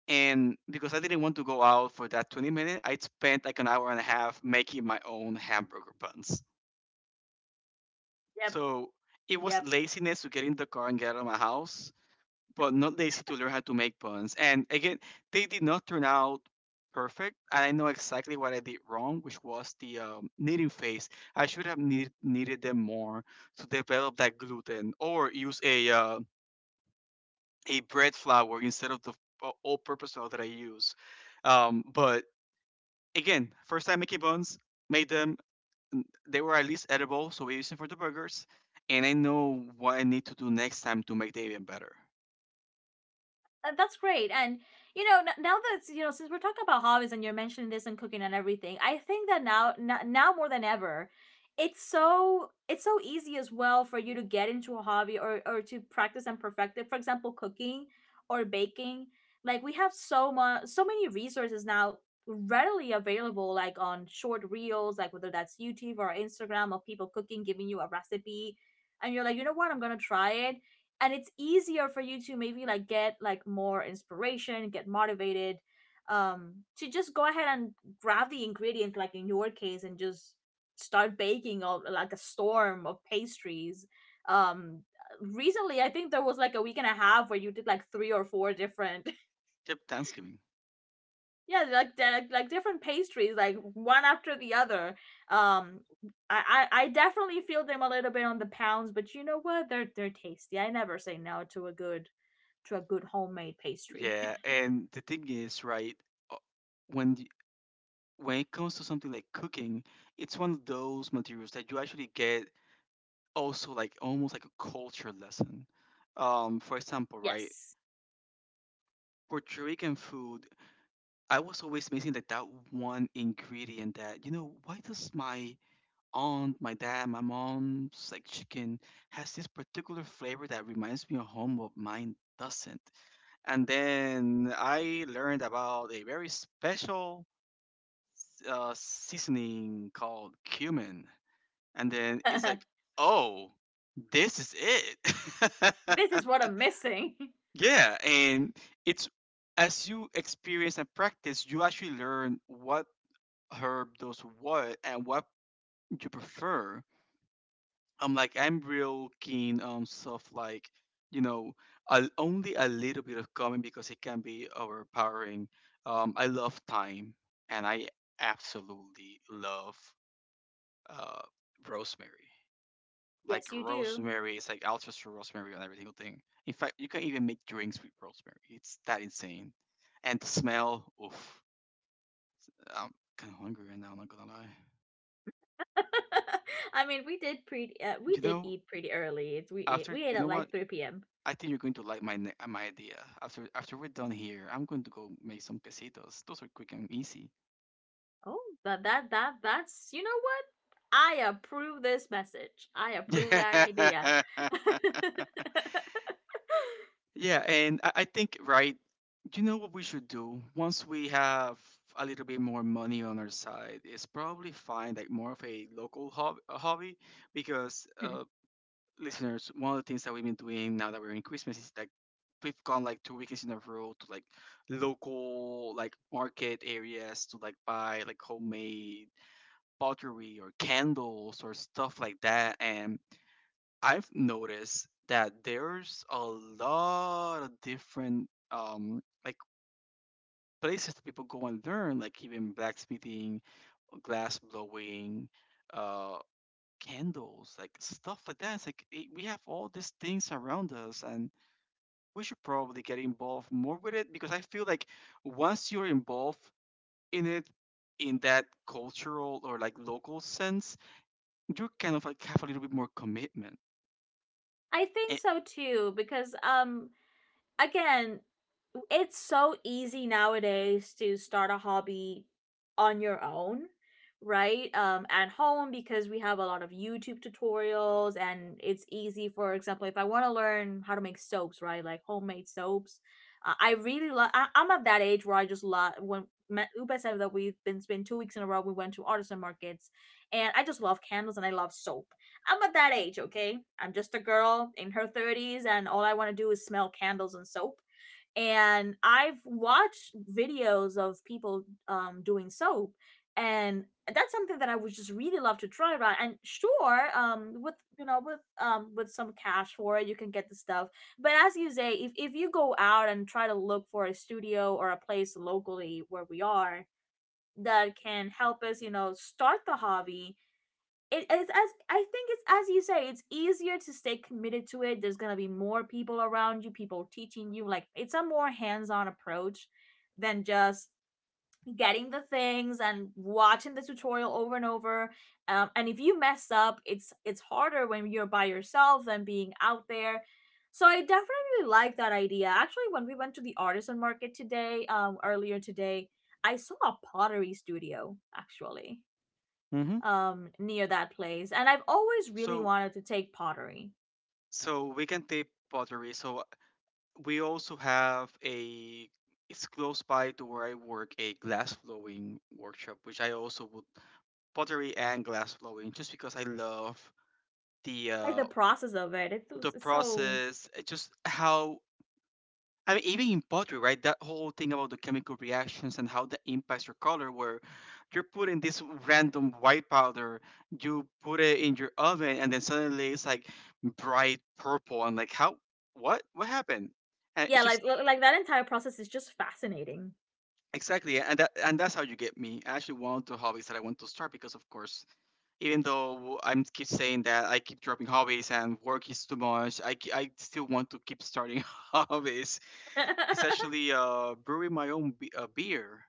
And because I didn't want to go out for that 20-minute minute, I spent like an hour and a half making my own hamburger buns.
yep,
So it was
yep.
laziness to get in the car and get out of my house but not lazy to learn how to make buns. And again, they did not turn out perfect. And I know exactly what I did wrong, which was the kneading phase. I should have knead- kneaded them more to develop that gluten, or use a bread flour instead of the all-purpose flour that I use. But again, first time making buns, made them. They were at least edible, so we use them for the burgers. And I know what I need to do next time to make them even better.
Uh, that's great. And you know, now that you know, since we're talking about hobbies and you're mentioning this and cooking and everything, I think that now, now more than ever, it's so easy as well for you to get into a hobby, or to practice and perfect it. For example, cooking or baking. Like we have so much, so many resources now readily available like on short reels, like whether that's YouTube or Instagram, of people cooking giving you a recipe, and you're like, you know what, I'm gonna try it. And it's easier for you to maybe like get like more inspiration, get motivated, to just go ahead and grab the ingredient, like in your case, and just start baking all, like a storm of pastries. um Recently, I think there was like a week and a half where you did like three or four different
Yep, Thanksgiving.
[laughs] yeah, like different pastries like one after the other. um I definitely feel them a little bit on the pounds, but you know what, they're tasty. I never say no to a good, homemade pastry. [laughs]
Yeah, and the thing is, right, uh, when the, when it comes to something like cooking, it's one of those materials that you actually get also like almost like a culture lesson. For example, right,
Yes.
Puerto Rican food, I was always missing like that one ingredient that, you know, why does my aunt, my dad, my mom's like chicken has this particular flavor that reminds me of home, but mine doesn't. And then I learned about a very special seasoning called cumin, and then it's like,
[laughs]
oh, this is it.
this is what I'm missing. [laughs]
[laughs] yeah, and it's as you experience and practice, you actually learn what herb does what and what you prefer. I'm real keen on stuff like you know a, only a little bit of cumin because it can be overpowering. I love thyme, and I absolutely love uh rosemary. Like
Yes, you do.
rosemary, it's like I'll trust for rosemary on every single thing. In fact, you can even make drinks with rosemary. It's that insane. And the smell, oof. I'm kind of hungry right now. I'm not gonna lie.
[laughs] I mean, we
You
did
know,
eat pretty early.
after
We ate
you know
at like
what,
three p.m.
I think you're going to like my idea. After we're done here, I'm going to go make some quesitos. Those are quick and easy.
Oh, that's you know what? I approve this message. I approve that idea.
[laughs]
[laughs]
Yeah, and I think right, you know what we should do once we have a little bit more money on our side is probably find like more of a a hobby because
Hmm.
listeners, one of the things that we've been doing now that we're in Christmas is like we've gone like two weekends in a row to like local like market areas to like buy like homemade pottery or candles or stuff like that and I've noticed that there's a lot of different like places that people go and learn, like even blacksmithing, glass blowing, uh candles, like stuff like that. It's like we have all these things around us and we should probably get involved more with it because I feel like once you're involved in it in that cultural or like local sense, you kind of like have a little bit more commitment.
I think
And,
so too because again, it's so easy nowadays to start a hobby on your own, right, at home, because we have a lot of YouTube tutorials, and it's easy, for example, if I want to learn how to make soaps, right, like homemade soaps. I'm at that age where I just love, when Upa said that we've been spent 2 weeks in a row. We went to artisan markets, and I just love candles and I love soap. I'm at that age, okay? I'm just a girl in her 30s, and all I want to do is smell candles and soap. And I've watched videos of people doing soap, and that's something that I would just really love to try. Right, and sure, with you know, with some cash for it, you can get the stuff. But as you say, if you go out and try to look for a studio or a place locally where we are that can help us, you know, start the hobby, it is as I think it's as you say, it's easier to stay committed to it. There's gonna be more people around you, people teaching you. Like it's a more hands-on approach than just getting the things and watching the tutorial over and over. And if you mess up, it's harder when you're by yourself than being out there. So I definitely like that idea. Actually, when we went to the artisan market today, earlier today, I saw a pottery studio actually
hmm,
near that place, and I've always really
so
wanted to take pottery.
We can tape pottery. So we also have a it's close by to where I work a glass blowing workshop, which I also would pottery and glass blowing just because I love the
Like the
uh
process of it, it
the
was it's so
process, just how I mean, even in pottery, right? That whole thing about the chemical reactions and how that impacts your color, where you're putting this random white powder, you put it in your oven, and then suddenly it's like bright purple. And like, how? What? What happened? And it's
yeah.
just
Like that entire process is just fascinating.
exactly, and and that's how you get me. I actually want the hobbies that I want to start because, of course, even though I'm keep saying that I keep dropping hobbies and work is too much, I still want to keep starting [laughs] hobbies. It's
[laughs]
actually brewing my own be- beer.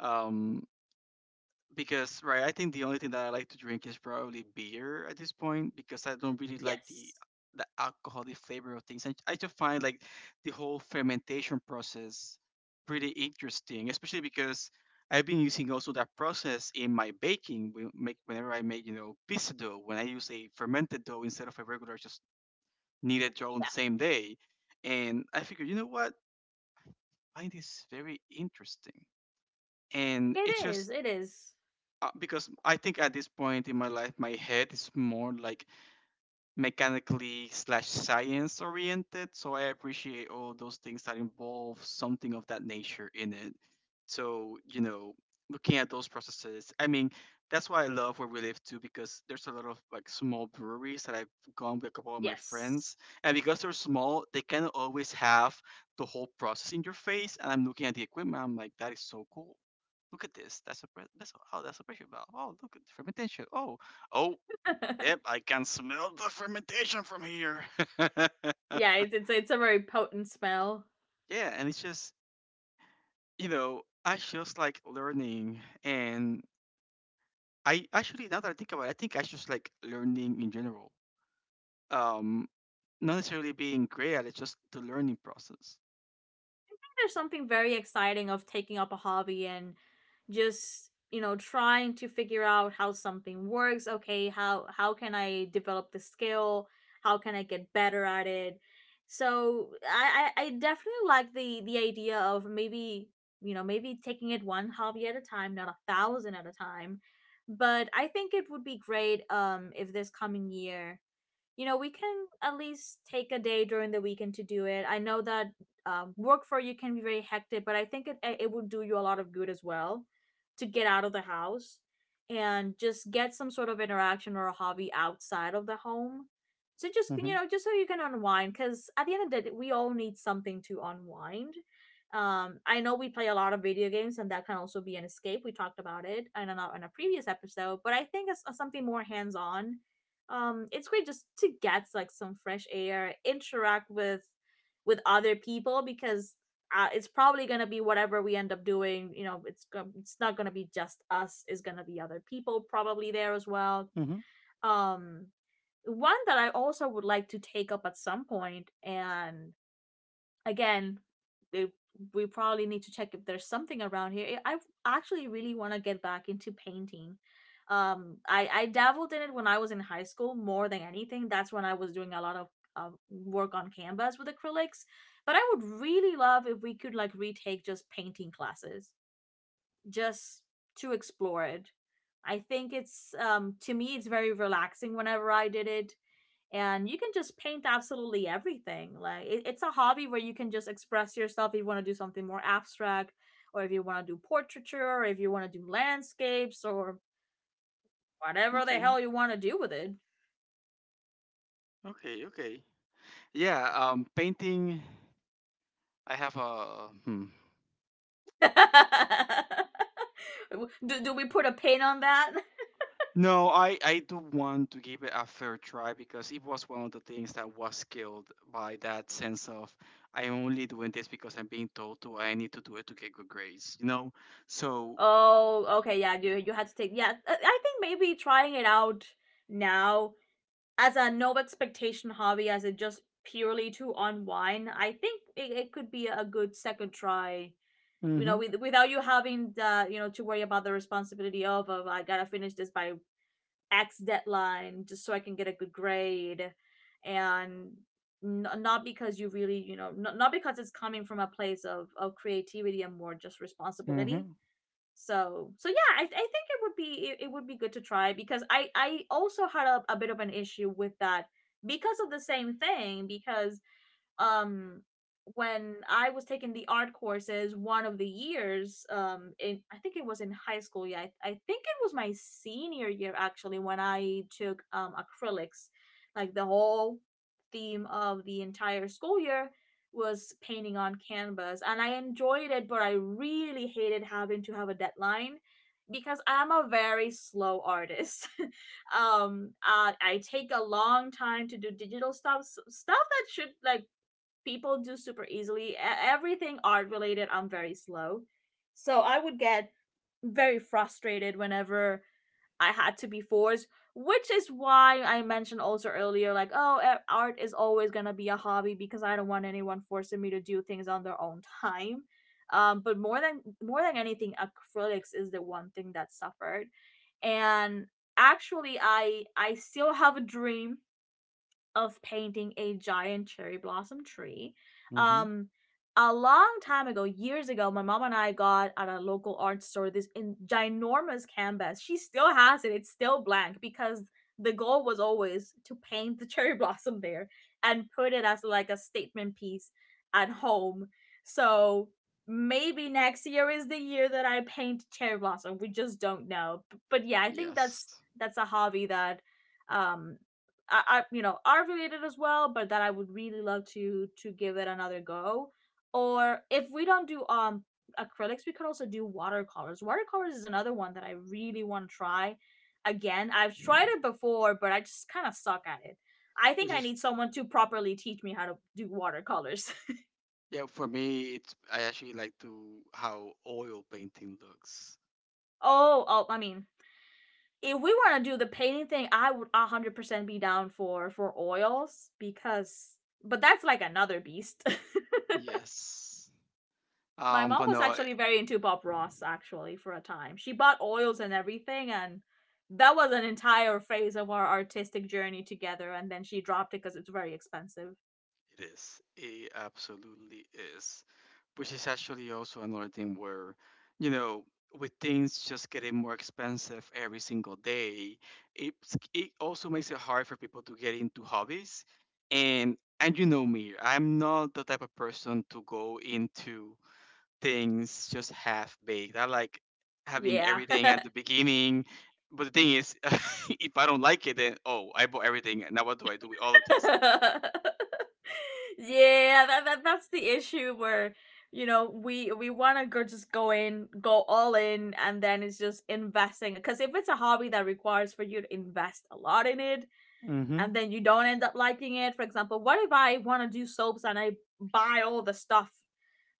um because right I think the only thing that I like to drink is probably beer at this point because I don't really like
Yes,
the alcoholic flavor of things and I just find like the whole fermentation process pretty interesting especially because I've been using also that process in my baking whenever I make you know pizza dough when I use a fermented dough instead of a regular just kneaded dough on the
yeah,
same day and I figure you know what I find this very interesting and it's
it is
just
it is
because I think at this point in my life, my head is more like mechanically slash science oriented. So I appreciate all those things that involve something of that nature in it. So you know, looking at those processes, I mean, that's why I love where we live too, because there's a lot of like small breweries that I've gone with a couple of my
Yes.
friends, and because they're small, they kind of always have the whole process in your face. And I'm looking at the equipment, I'm like, that is so cool. Look at this. That's a, oh that's a pressure valve. Oh look at the fermentation. Oh oh yep,
[laughs]
I can smell the fermentation from here. [laughs] Yeah,
Yeah, it's a very potent smell.
and it's just I just like learning, and I actually now that I think about it, I think I just like learning in general. Um, Not necessarily being great at it, just the learning process.
There's something very exciting of taking up a hobby and just, you know, trying to figure out how something works. Okay, how can I develop the skill? How can I get better at it? So I definitely like the idea of maybe, you know, maybe taking it one hobby at a time, not a thousand at a time. But I think it would be great, um, if this coming year, you know, we can at least take a day during the weekend to do it. I know that, work for you can be very hectic, but I think it would do you a lot of good as well to get out of the house and just get some sort of interaction or a hobby outside of the home. So just,
Mm-hmm.
you know, just so you can unwind, because at the end of the day, we all need something to unwind. I know we play a lot of video games, and that can also be an escape. We talked about it in a previous episode, but I think it's something more hands on. Um, it's great just to get like some fresh air, interact with other people, because it's probably gonna be whatever we end up doing, you know. It's not gonna be just us, it's gonna be other people probably there as well.
Mm-hmm.
Um, one that I also would like to take up at some point, and again, we, we probably need to check if there's something around here. I actually really want to get back into painting. Um, I dabbled in it when I was in high school. More than anything, that's when I was doing a lot of work on canvas with acrylics, but I would really love if we could like retake just painting classes, just to explore it. I think it's, um, to me it's very relaxing whenever I did it. And you can just paint absolutely everything. Like it's a hobby where you can just express yourself. If you want to do something more abstract, or if you want to do portraiture, or if you want to do landscapes, or whatever the
Okay,
hell you want to do with it.
okay. Yeah, painting. I have a hmm,
[laughs] Do we put a pin on that?
No, I do want to give it a fair try because it was one of the things that was killed by that sense of I only doing this because I'm being told to, I need to do it to get good grades, you know? So,
Oh okay, yeah, you had to take, yeah, I think maybe trying it out now as a no expectation hobby, as it just purely to unwind, I think it could be a good second try. You know,
mhm.
with, without you having the, you know, to worry about the responsibility of I gotta finish this by X deadline just so I can get a good grade, and not because you really, you know, not because it's coming from a place of creativity and more just responsibility.
Mhm.
So, so yeah, I think it would be it would be good to try, because I also had a bit of an issue with that because of the same thing, because um, when I was taking the art courses one of the years, um, in, I think it was in high school. Yeah, I think it was my senior year actually when I took acrylics. Like the whole theme of the entire school year was painting on canvas, and I enjoyed it, but I really hated having to have a deadline because I'm a very slow artist. [laughs] I take a long time to do digital stuff, stuff that should like people do super easily. Everything art related, I'm very slow. So I would get very frustrated whenever I had to be forced, which is why I mentioned also earlier, like, oh, e, art is always going to be a hobby because I don't want anyone forcing me to do things on their own time. But more than anything, acrylics is the one thing that suffered. And actually, I still have a dream of painting a giant cherry blossom tree.
Mhm.
Um, a long time ago, years ago, my mom and I got at a local art store this in ginormous canvas. She still has it; it's still blank because the goal was always to paint the [laughs] cherry blossom there and put it as like a statement piece at home. So maybe next year is the year that I paint cherry blossom. We just don't know. But yeah, I think that's
Yes.
a hobby that, um, I, you know, are related as well, but that I would really love to give it another go. Or if we don't do acrylics, we could also do watercolors. Watercolors is another one that I really want to try again. I've tried it before, but I just kind of suck at it. I think
Which
I
is,
need someone to properly teach me how to do watercolors.
yeah, for me, I actually like to how oil painting looks.
[laughs] Oh, I mean, if we want to do the painting thing, I would 100% be down for oils because, but that's like another beast. [laughs]
Yes.
My mom
But
was
no,
actually very into Bob Ross actually for a time. She bought oils and everything, and that was an entire phase of our artistic journey together, and then she dropped it because it's very expensive.
it is. It absolutely is. Which is actually also another thing where, you know, with things just getting more expensive every single day, it it also makes it hard for people to get into hobbies. And you know me, I'm not the type of person to go into things just half baked. I like having
Yeah.
everything
[laughs]
at the beginning. But the thing is, [laughs] if I don't like it, then oh, I bought everything. Now what do I do with all of this?
Yeah, that that's the issue where, you know, we want to go, just go in, go all in, and then it's just investing, because if it's a hobby that requires for you to invest a lot in it,
Mm-hmm.
and then you don't end up liking it. For example, what if I want to do soaps, and I buy all the stuff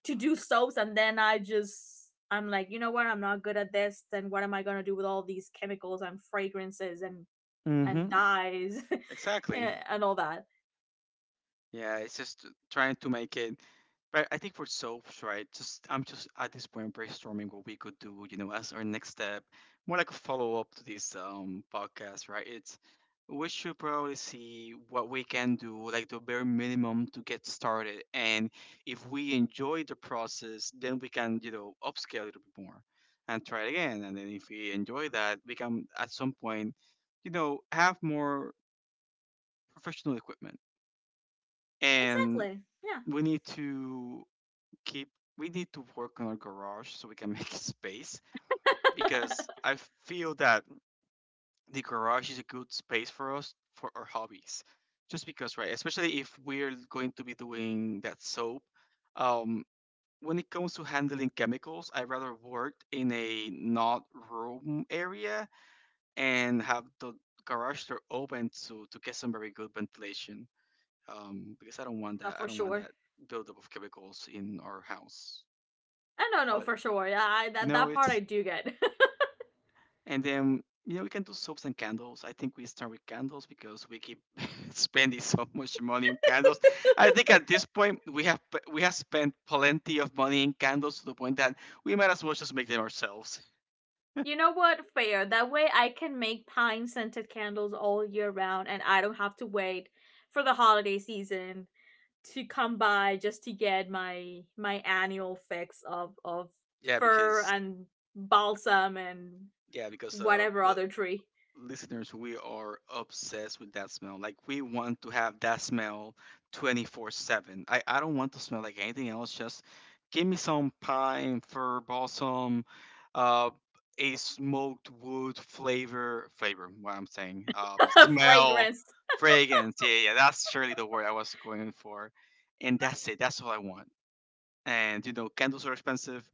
to do soaps, and then I just, I'm like, you know what, I'm not good at this, then what am I gonna do with all these chemicals and fragrances and
Mm-hmm.
dyes [laughs]
Exactly.
and all that.
Yeah, it's just trying to make it. But I think for soaps, right? Just I'm just at this point brainstorming what we could do, you know, as our next step, more like a follow up to this podcast, right? It's we should probably see what we can do, like the bare minimum to get started, and if we enjoy the process, then we can, you know, upscale it a bit more and try it again. And then if we enjoy that, we can at some point, you know, have more professional equipment and
Exactly. Yeah.
we need to keep we need to work on our garage so we can make [laughs] space because I feel that the garage is a good space for us for our hobbies. Just because, right? Especially if we're going to be doing that soap. Um, when it comes to handling chemicals, I rather work in a not room area and have the garage door open to get some very good ventilation. Because I don't want
No,
that. I
for
don't want
sure.
that buildup of chemicals in our house.
I don't know
But
for sure. Yeah, that
no,
that part I
it's
do get. [laughs]
and then you know we can do soaps and candles. I think we start with candles because we keep [laughs] spending so much money on candles. I think at this point we have spent plenty of money in candles to the point that we might as well just make them ourselves.
You know what? Fair. That way I can make pine scented candles all year round, and I don't have to wait for the holiday season to come by just to get my my annual fix of
Yeah,
fur
because
and balsam and
yeah, because
whatever other tree
listeners, we are obsessed with that smell. Like we want to have that smell 24/7. I don't want to smell like anything else. Just give me some pine, fir balsam, uh, a smoked wood flavor. What I'm saying,
[laughs]
smell,
fragrance.
fragrance. Yeah, that's surely the word I was going for. And that's it. That's all I want. And you know, candles are expensive.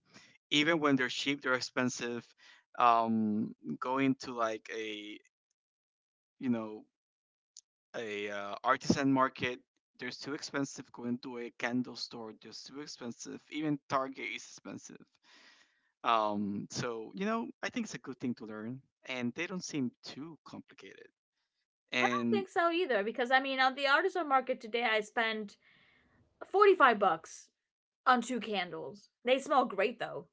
Even when they're cheap, they're expensive. Um, Going to like a you know a artisan market, they're too expensive, going to a candle store, just too expensive, even Target is expensive. So you know, I think it's a good thing to learn and they don't seem too complicated
I don't
and
think so either, because I mean on the artisan market today I spent 45 bucks on two candles. They smell great though.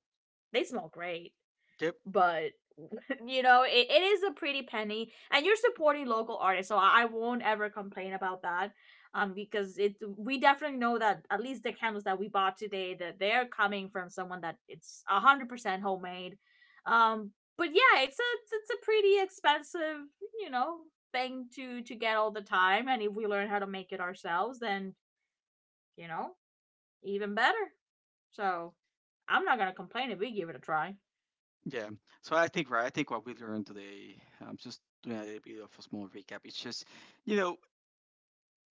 They smell great.
yep.
But [laughs] you know it is a pretty penny, and you're supporting local artists, so I won't ever complain about that. Um, because it, we definitely know that at least the candles that we bought today, that they're coming from someone that it's 100% homemade. Um, but yeah, it's a pretty expensive, you know, thing to get all the time. And if we learn how to make it ourselves, then, you know, even better. So I'm not gonna complain if we give it a try.
Yeah, so I think, right, I think what we learned today, just doing a little bit of a small recap, it's just you know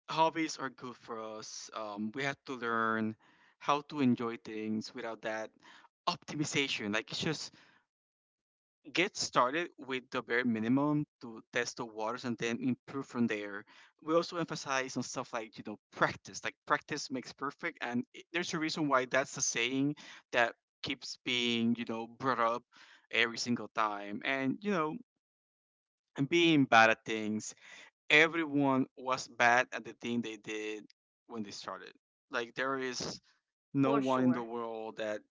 hobbies are good for us. We have to learn how to enjoy things without that optimization, like it's just get started with the bare minimum to test the waters and then improve from there. We also emphasize on stuff like, you know, practice. Like practice makes perfect. There's a reason why that's the saying that keeps being, you know, brought up every single time. And, you know, and being bad at things, everyone was bad at the thing they did when they started. Like there is no
For
one in the
sure.
world that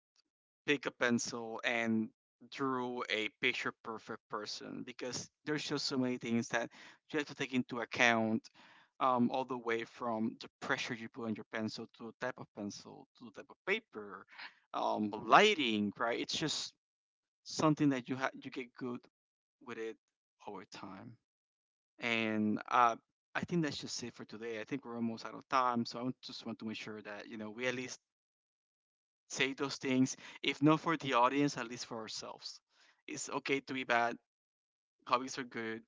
pick a pencil and drew a picture perfect person because there's just so many things that you have to take into account, all the way from the pressure you put on your pencil to the type of pencil to the type of paper, lighting, right, it's just something that you get good with it over time. And I think that's just it for today. I think we're almost out of time, so I just want to make sure that you know we at least say those things, if not for the audience, at least for ourselves. It's okay to be bad. Hobbies are good.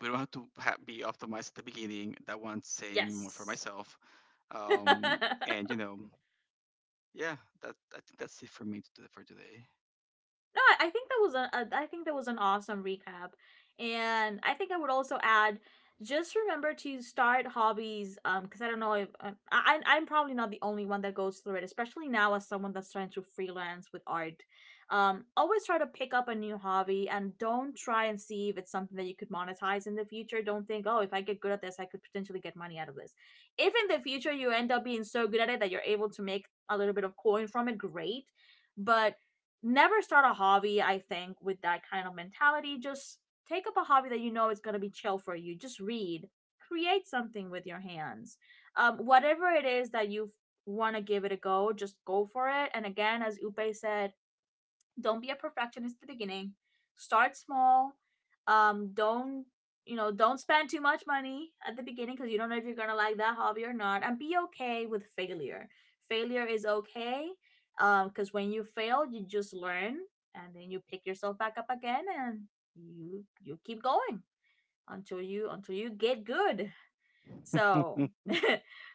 We don't have to be optimized at the beginning. That one's saying more for
Yes.
myself.
[laughs] No,
Um,
I
and you know, yeah, that I think that's it for me to, for today.
think that was a, I think that was an awesome recap, and I think I would also add, just remember to start hobbies, um, because I don't know if, I, I'm probably not the only one that goes through it, especially now as someone that's trying to freelance with art. Um, always try to pick up a new hobby, and don't try and see if it's something that you could monetize in the future. Don't think, oh, if I get good at this, I could potentially get money out of this. If in the future you end up being so good at it that you're able to make a little bit of coin from it, great. But never start a hobby, I think, with that kind of mentality. Just take up a hobby that you know is going to be chill for you. Just read, create something with your hands. Whatever it is that you want to give it a go, just go for it. And again, as Upe said, don't be a perfectionist at the beginning. Start small. Don't, you know? Don't spend too much money at the beginning, because you don't know if you're gonna like that hobby or not. And be okay with failure. Failure is okay, because when you fail, you just learn, and then you pick yourself back up again, and you keep going until you get good. So, [laughs]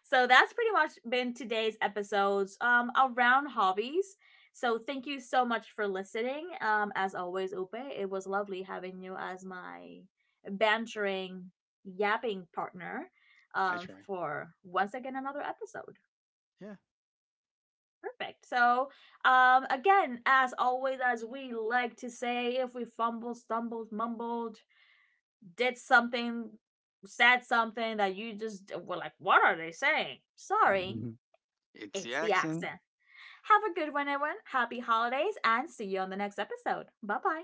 so that's pretty much been today's episodes, um, around hobbies. So thank you so much for listening. As always, Upe, it was lovely having you as my bantering, yapping partner.
I try.
For once again another episode.
Yeah,
Perfect. So, again, as always, as we like to say, if we fumbled, stumbled, mumbled, did something, said something that you just were like, what are they saying? Sorry,
[laughs] it's the
it's the
accent.
accent. Have a good one, everyone. Happy holidays, and see you on the next episode. Bye bye.